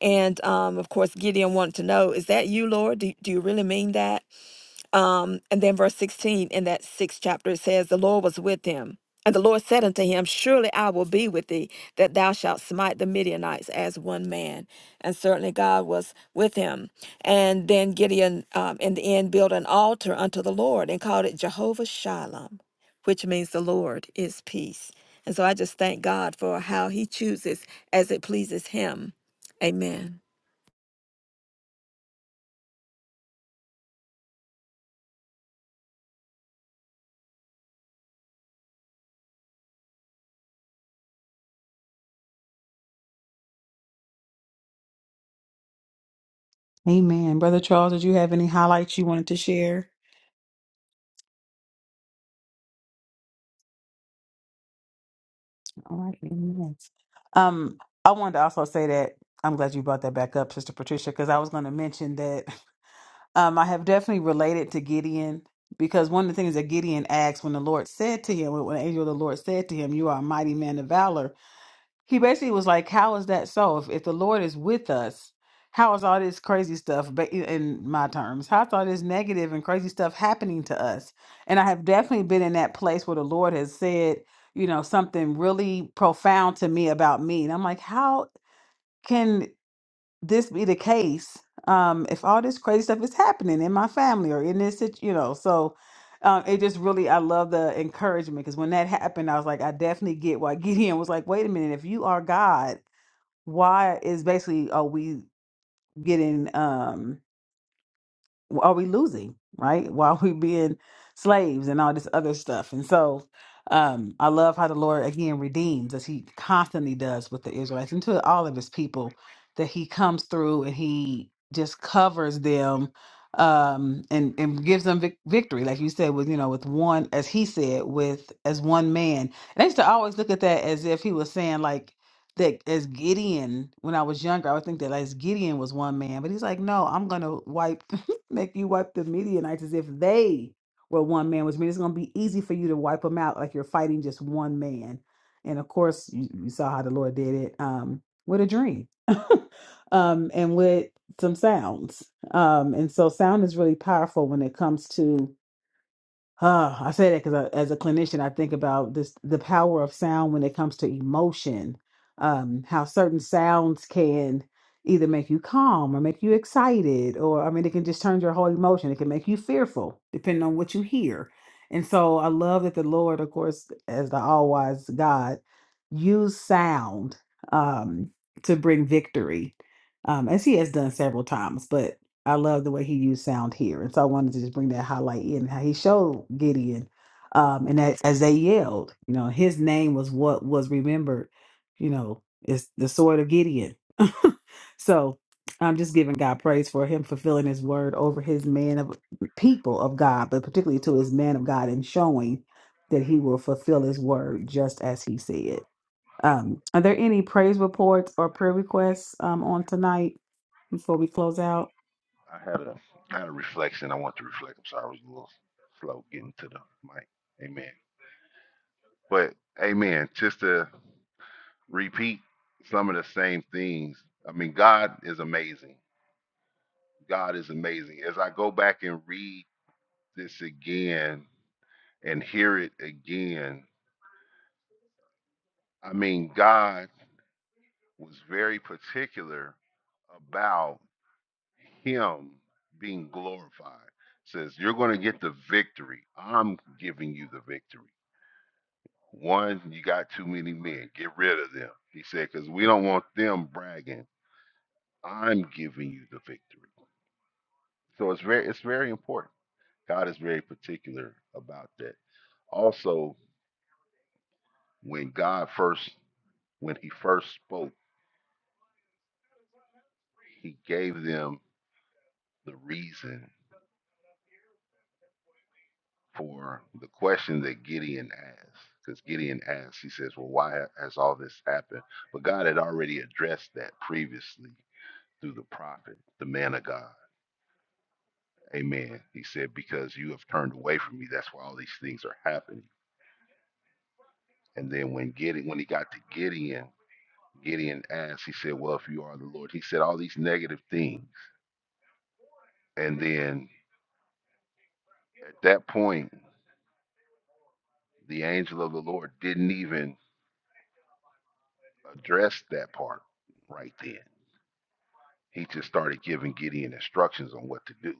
Speaker 2: And um, of course, Gideon wanted to know, "Is that you, Lord? Do, do you really mean that?" Um, and then verse 16 in that sixth chapter it says, The Lord was with him. And the Lord said unto him, Surely I will be with thee, that thou shalt smite the Midianites as one man. And certainly God was with him. And then Gideon, um, in the end, built an altar unto the Lord and called it Jehovah Shalom, which means the Lord is peace. And so I just thank God for how he chooses as it pleases him. Amen.
Speaker 1: Amen. Brother Charles, did you have any highlights you wanted to share? All right. Amen. Um, I wanted to also say that I'm glad you brought that back up, Sister Patricia, because I was going to mention that um, I have definitely related to Gideon because one of the things that Gideon asked when the Lord said to him, when the angel of the Lord said to him, You are a mighty man of valor he basically was like, "How is that so? If if the Lord is with us, how is all this crazy stuff?" ba- In my terms, how is all this negative and crazy stuff happening to us? And I have definitely been in that place where the Lord has said, you know, something really profound to me about me, and I'm like, how? can?" this be the case um if all this crazy stuff is happening in my family or in this sit- you know so um it just really i love the encouragement because when that happened i was like i definitely get why gideon was like wait a minute if you are god why is basically are we getting um are we losing, right? While we being slaves and all this other stuff. And so um, I love how the Lord again redeems as he constantly does with the Israelites and to all of his people that he comes through and he just covers them um and and gives them vic- victory like you said with you know with one as he said with as one man and i used to always look at that as if he was saying like that as Gideon, when I was younger, I would think that like, as Gideon was one man, but he's like, no, I'm gonna wipe make you wipe the Midianites as if they were one man, which means it's going to be easy for you to wipe them out like you're fighting just one man. And of course, you, you saw how the Lord did it um, with a dream um, and with some sounds. Um, and so, sound is really powerful when it comes to uh, I say that because as a clinician, I think about this the power of sound when it comes to emotion. Um, how certain sounds can either make you calm or make you excited, or I mean, it can just turn your whole emotion. It can make you fearful, depending on what you hear. And so I love that the Lord, of course, as the all wise God, used sound um, to bring victory, um, as He has done several times. But I love the way he used sound here. And so I wanted to just bring that highlight in how he showed Gideon. Um, and that, as they yelled, you know, his name was what was remembered, you know, is the sword of Gideon. so I'm just giving God praise for him fulfilling his word over his man of people of God, but particularly to his man of God and showing that he will fulfill his word just as he said. Um, are there any praise reports or prayer requests um, on tonight before we close out?
Speaker 3: I had a I had a reflection. I want to reflect. I'm sorry, I was a little slow getting to the mic. Amen. But amen. Just to repeat some of the same things. I mean, God is amazing. God is amazing. As I go back and read this again and hear it again, I mean, God was very particular about him being glorified. Says, you're going to get the victory. I'm giving you the victory. One, you got too many men. Get rid of them. He said, because we don't want them bragging. I'm giving you the victory. So it's very, it's very important. God is very particular about that. Also, when God first, when He first spoke, He gave them the reason for the question that Gideon asked. Because Gideon asked, he says, "Well, why has all this happened?" But God had already addressed that previously through the prophet, the man of God. Amen. He said, Because you have turned away from me, that's why all these things are happening. And then when Gideon, when he got to Gideon, Gideon asked, he said, Well, if you are the Lord, he said all these negative things. And then at that point, the angel of the Lord didn't even address that part right then. He just started giving Gideon instructions on what to do.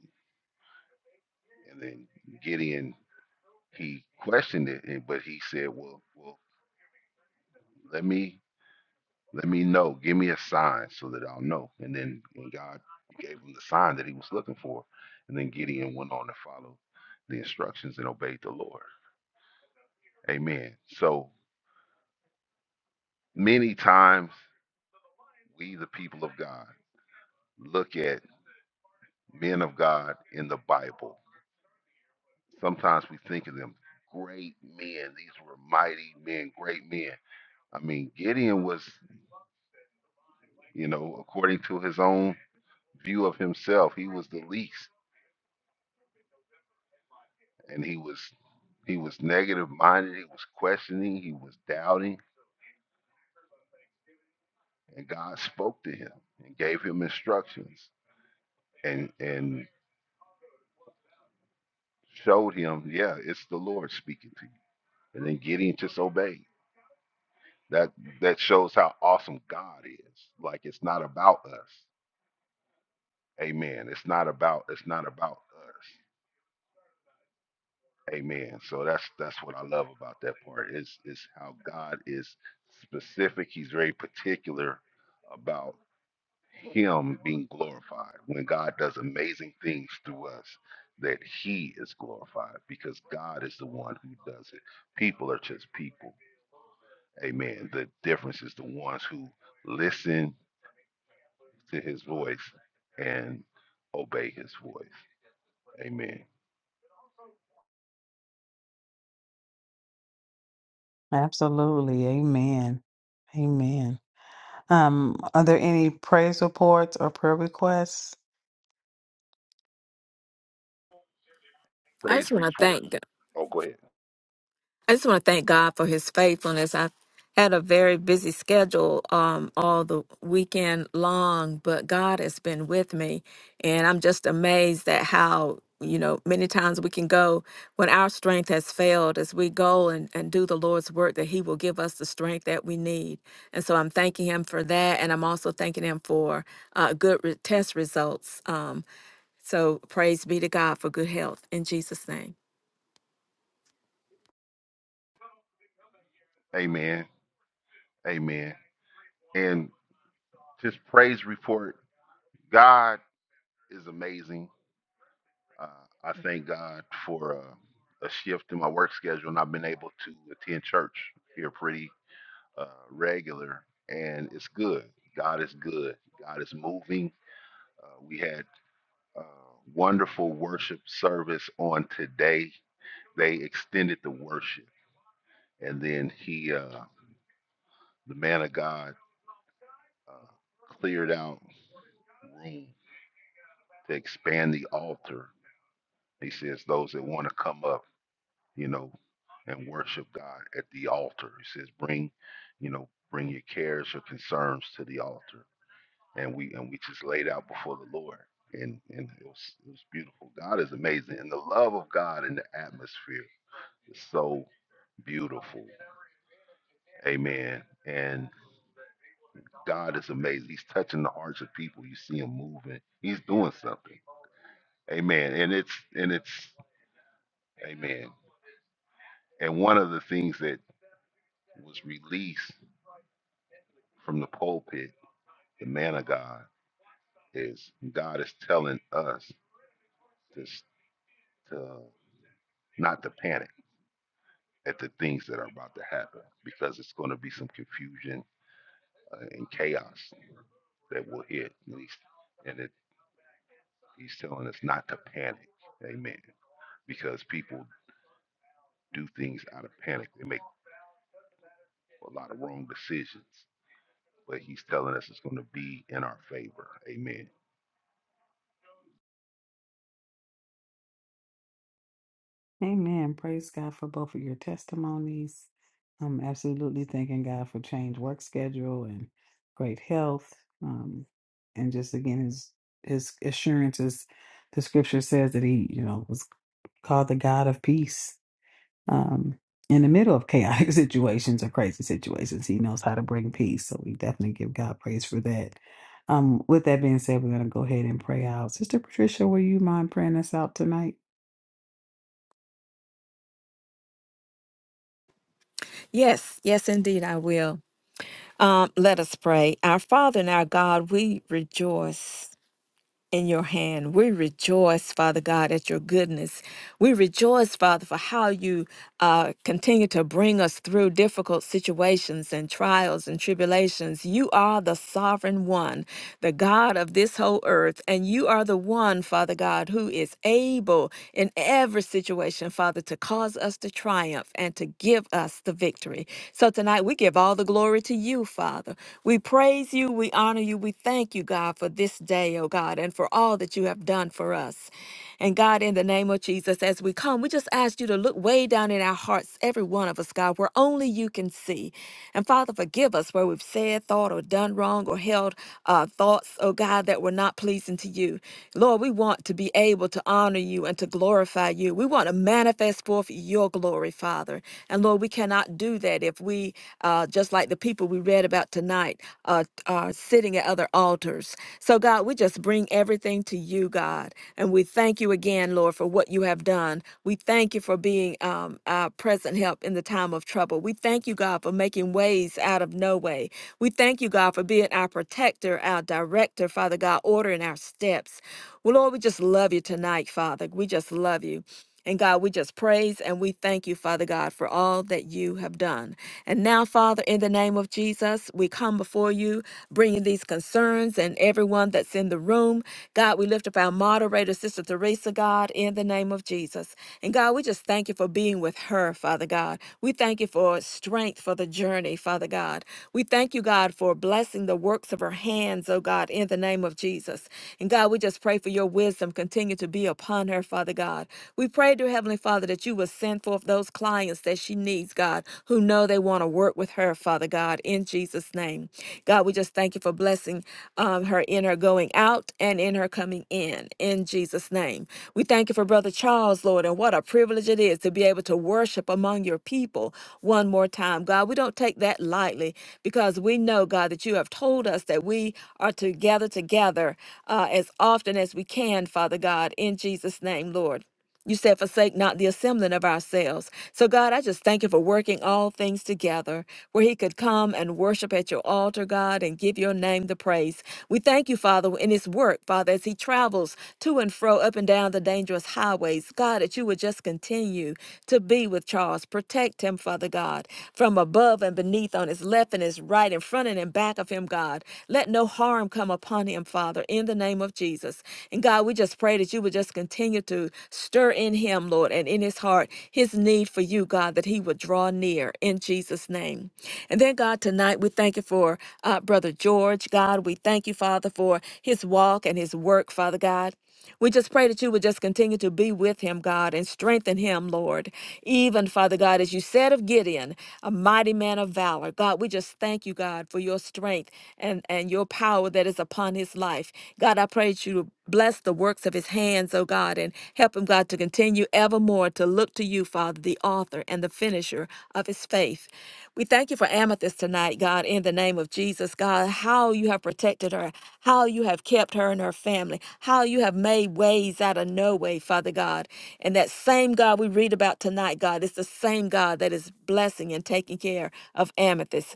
Speaker 3: And then Gideon, he questioned it, but he said, Well, well, let me Let me know. Give me a sign so that I'll know. And then when God gave him the sign that he was looking for, and then Gideon went on to follow the instructions and obeyed the Lord. Amen. So many times we, the people of God, look at men of God in the Bible. Sometimes we think of them great men. These were mighty men, great men. I mean, Gideon was, you know, according to his own view of himself, he was the least. and he was he was negative minded, he was questioning, he was doubting, and God spoke to him and gave him instructions and and showed him, yeah, it's the Lord speaking to you. And then Gideon just obeyed. That that shows how awesome God is. Like it's not about us. Amen. It's not about it's not about us. Amen. So that's that's what I love about that part. Is is how God is specific. He's very particular about him being glorified when god does amazing things through us that he is glorified because god is the one who does it people are just people amen the difference is the ones who listen to his voice and obey his voice amen
Speaker 1: Absolutely. Amen. Amen. Um, are there any praise reports or prayer requests?
Speaker 2: I just
Speaker 3: praise
Speaker 2: want to
Speaker 3: report
Speaker 2: thank God.
Speaker 3: oh go ahead
Speaker 2: I just want to thank God for his faithfulness. I had a very busy schedule um, all the weekend long, but God has been with me. And I'm just amazed at how, you know, many times we can go when our strength has failed, as we go and, and do the Lord's work, that he will give us the strength that we need. And so I'm thanking him for that. And I'm also thanking him for uh, good re- test results. Um, so praise be to God for good health in Jesus' name.
Speaker 3: amen amen and just praise report god is amazing Uh, I thank God for uh, a shift in my work schedule, and I've been able to attend church here pretty uh, regular, and it's good. God is good. God is moving. Uh, we had uh, wonderful worship service on today. They extended the worship, and then he, uh, the man of God, uh, cleared out room to expand the altar. He says those that want to come up. you know, and worship God at the altar. He says, bring, you know, bring your cares, your concerns to the altar. And we and we just laid out before the Lord. And and it was it was beautiful. God is amazing. And the love of God in the atmosphere is so beautiful. Amen. And God is amazing. He's touching the hearts of people. You see him moving. He's doing something. Amen. And it's and it's amen. And one of the things that was released from the pulpit the man of God is God is telling us to, s- to not to panic at the things that are about to happen because it's going to be some confusion uh, and chaos that will hit. And he's, and it, he's telling us not to panic. Amen. Because people do things out of panic, they make a lot of wrong decisions. But he's telling us it's going to be in our favor. Amen.
Speaker 1: Amen. Praise God for both of your testimonies. I'm absolutely thanking God for changed work schedule and great health. Um, and just again, his his assurances. The scripture says that he, you know, was called the God of peace. Um, in the middle of chaotic situations or crazy situations, he knows how to bring peace. So we definitely give God praise for that. Um, with that being said, we're going to go ahead and pray out. Sister Patricia, will you mind praying us out tonight?
Speaker 2: Yes, yes, indeed, I will. Um, let us pray. Our Father and our God, we rejoice in your hand. We rejoice, Father God, at your goodness. We rejoice, Father, for how you uh, continue to bring us through difficult situations and trials and tribulations. You are the sovereign one, the God of this whole earth, and you are the one, Father God, who is able in every situation, Father, to cause us to triumph and to give us the victory. So tonight we give all the glory to you, Father. We praise you, we honor you, God, we thank you, God, for this day, oh God, and for all that you have done for us. And God, in the name of Jesus, as we come, we just ask you to look way down in our hearts, every one of us, God, where only you can see. And Father, forgive us where we've said, thought, or done wrong, or held uh, thoughts, oh God, that were not pleasing to you. Lord, we want to be able to honor you and to glorify you. We want to manifest forth your glory, Father. And Lord, we cannot do that if we, uh, just like the people we read read about tonight, uh, uh, sitting at other altars. So, God, we just bring everything to you, God. And we thank you again, Lord, for what you have done. We thank you for being um, our present help in the time of trouble. We thank you, God, for making ways out of no way. We thank you, God, for being our protector, our director, Father God, ordering our steps. Well, Lord, we just love you tonight, Father. We just love you. And God, we just praise and we thank you, Father God, for all that you have done. And now, Father, in the name of Jesus, we come before you, bringing these concerns and everyone that's in the room. God, we lift up our moderator, Sister Teresa, God, in the name of Jesus. And God, we just thank you for being with her, Father God. We thank you for strength for the journey, Father God. We thank you, God, for blessing the works of her hands, oh God, in the name of Jesus. And God, we just pray for your wisdom continue to be upon her, Father God. We pray, dear Heavenly Father, that you will send forth those clients that she needs, God, who know they want to work with her, Father God, in Jesus' name. God, we just thank you for blessing um, her in her going out and in her coming in, in Jesus' name. We thank you for Brother Charles, Lord, and what a privilege it is to be able to worship among your people one more time. God, we don't take that lightly because we know, God, that you have told us that we are to gather together uh, as often as we can, Father God, in Jesus' name, Lord. You said, forsake not the assembling of ourselves. So, God, I just thank you for working all things together where he could come and worship at your altar, God, and give your name the praise. We thank you, Father, in his work, Father, as he travels to and fro up and down the dangerous highways. God, that you would just continue to be with Charles. Protect him, Father God, from above and beneath, on his left and his right, in front and in back of him, God. Let no harm come upon him, Father, in the name of Jesus. And God, we just pray that you would just continue to stir in him, Lord, and in his heart, his need for you, God, that he would draw near in Jesus' name. And then, God, tonight we thank you for uh, Brother George. God, we thank you, Father, for his walk and his work, Father God. We just pray that you would just continue to be with him, God, and strengthen him, Lord. Even, Father God, as you said of Gideon, a mighty man of valor. God, we just thank you, God, for your strength and, and your power that is upon his life. God, I pray that you Bless the works of his hands, O God, and help him, God, to continue evermore to look to you, Father, the author and the finisher of his faith. We thank you for Amethyst tonight, God, in the name of Jesus, God, how you have protected her, how you have kept her and her family, how you have made ways out of no way, Father God. And that same God we read about tonight, God, is the same God that is blessing and taking care of Amethyst.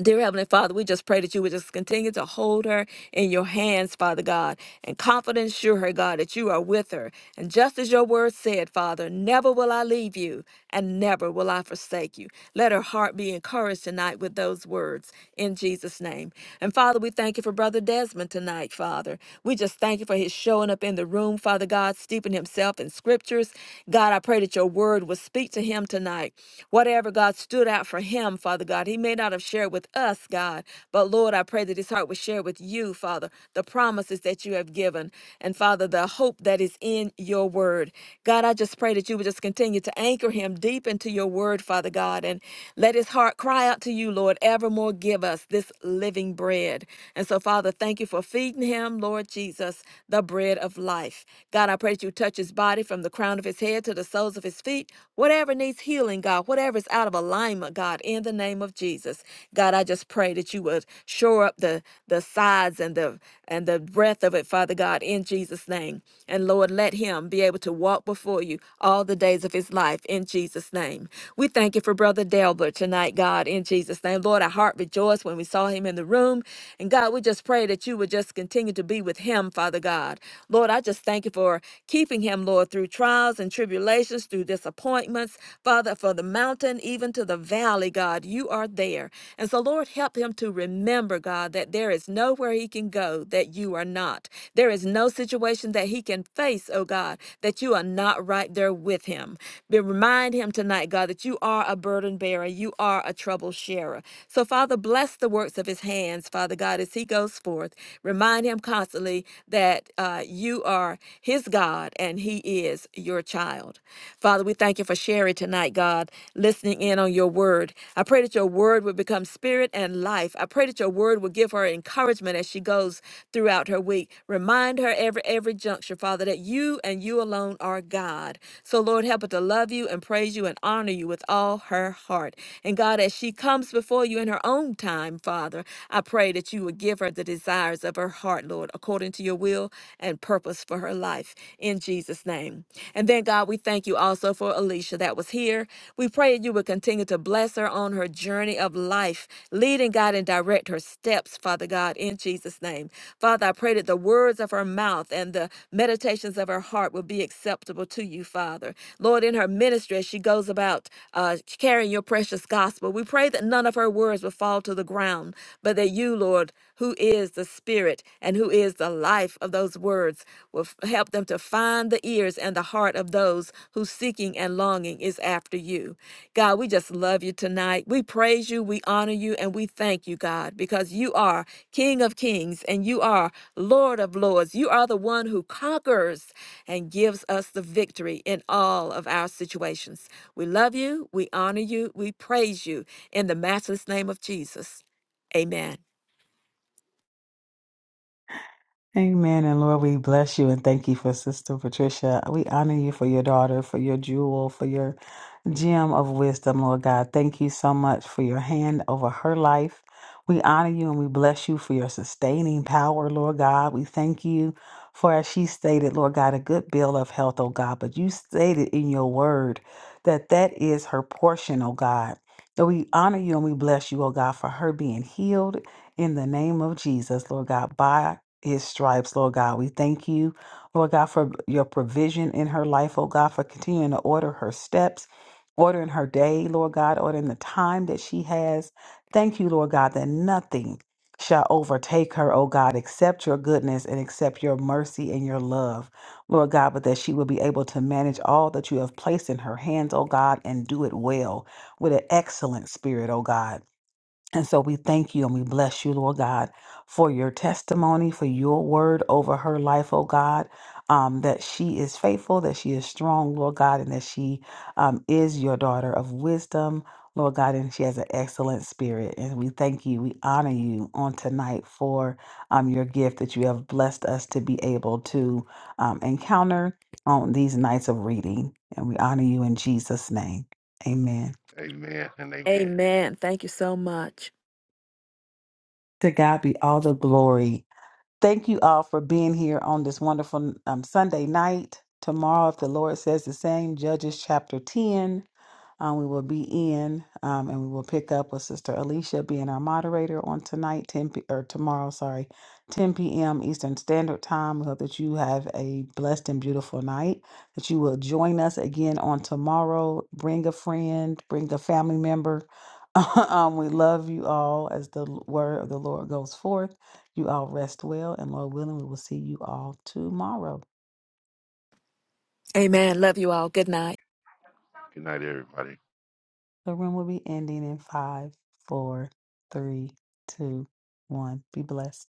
Speaker 2: Dear Heavenly Father, we just pray that you would just continue to hold her in your hands, Father God, and confidence assure her, God, that you are with her. And just as your word said, Father, never will I leave you and never will I forsake you. Let her heart be encouraged tonight with those words in Jesus' name. And Father, we thank you for Brother Desmond tonight, Father. We just thank you for his showing up in the room, Father God, steeping himself in scriptures. God, I pray that your word will speak to him tonight. Whatever, God, stood out out for him, Father God. He may not have shared with us, God, but Lord, I pray that his heart would share with you, Father, the promises that you have given, and Father, the hope that is in your word. God, I just pray that you would just continue to anchor him deep into your word, Father God, and let his heart cry out to you, Lord, evermore give us this living bread. And so, Father, thank you for feeding him, Lord Jesus, the bread of life. God, I pray that you touch his body from the crown of his head to the soles of his feet, whatever whatever needs healing, God, whatever is out of alignment, God, in the name of Jesus. God, I just pray that you would shore up the the sides and the and the breadth of it, Father God, in Jesus' name. And Lord, let him be able to walk before you all the days of his life in Jesus' name. We thank you for Brother Delbert tonight, God, in Jesus' name. Lord, our heart rejoiced when we saw him in the room. And God, we just pray that you would just continue to be with him, Father God. Lord, I just thank you for keeping him, Lord, through trials and trials and tribulations, through disappointments, Father, for the mountain, even to the valley, God, you are there. And so, Lord, help him to remember, God, that there is nowhere he can go that you are not. There is no situation that he can face, oh God, that you are not right there with him. Be, remind him tonight, God, that you are a burden bearer, you are a trouble sharer. So, Father, bless the works of his hands, Father God, as he goes forth. Remind him constantly that uh, you are his God, and he is your child. Father, we thank you for Sherry tonight, God, listening in on your word. I pray that your word would become spirit and life. I pray that your word will give her encouragement as she goes throughout her week. Remind her every every juncture, Father, that you and you alone are God. So Lord, help her to love you and praise you and honor you with all her heart. And God, as she comes before you in her own time, Father, I pray that you would give her the desires of her heart, Lord, according according to your will and purpose for her life in Jesus' name. And then, God, we thank you also for Alicia that was here. We pray you would continue to bless her on her journey of life, leading God and direct her steps, Father God, in Jesus' name. Father, I pray that the words of her mouth and the meditations of her heart will be acceptable to you, Father. Lord, in her ministry, as she goes about uh, carrying your precious gospel, we pray that none of her words will fall to the ground, but that you, Lord, who is the spirit and who is the life of those words will f- help them to find the ears and the heart of those whose seeking and longing is after you. God, we just love you tonight. We praise you, we honor you, and we thank you, God, because you are King of kings and you are Lord of lords. You are the one who conquers and gives us the victory in all of our situations. We love you, we honor you, we praise you in the matchless name of Jesus. Amen.
Speaker 1: Amen. And Lord, we bless you and thank you for Sister Patricia. We honor you for your daughter, for your jewel, for your gem of wisdom, Lord God. Thank you so much for your hand over her life. We honor you and we bless you for your sustaining power, Lord God. We thank you for, as she stated, Lord God, a good bill of health, oh God. But you stated in your word that that is her portion, oh God. So we honor you and we bless you, oh God, for her being healed in the name of Jesus, Lord God, by his stripes, Lord God. We thank you, Lord God, for your provision in her life, oh God, for continuing to order her steps, ordering her day, Lord God, ordering the time that she has. Thank you, Lord God, that nothing shall overtake her, oh God, except your goodness and except your mercy and your love, Lord God, but that she will be able to manage all that you have placed in her hands, oh God, and do it well with an excellent spirit, oh God. And so we thank you and we bless you, Lord God, for your testimony, for your word over her life, oh God, um, that she is faithful, that she is strong, Lord God, and that she um, is your daughter of wisdom, Lord God, and she has an excellent spirit. And we thank you, we honor you on tonight for um, your gift that you have blessed us to be able to um, encounter on these nights of reading. And we honor you in Jesus' name. Amen.
Speaker 3: Amen and amen.
Speaker 2: Amen. Thank you so much.
Speaker 1: To God be all the glory Thank you all for being here on this wonderful um, Sunday night. Tomorrow, if the Lord says the same, Judges chapter 10, um, we will be in um, and we will pick up with Sister Alicia being our moderator on tonight, 10 p- or tomorrow, sorry, 10 p.m. Eastern Standard Time. We hope that you have a blessed and beautiful night, that you will join us again on tomorrow. Bring a friend, bring a family member. um, we love you all as the word of the Lord goes forth. You all rest well, and Lord willing, we will see you all tomorrow.
Speaker 2: Amen. Love you all. Good night.
Speaker 3: Good night, everybody.
Speaker 1: The room will be ending in five, four, three, two, one. Be blessed.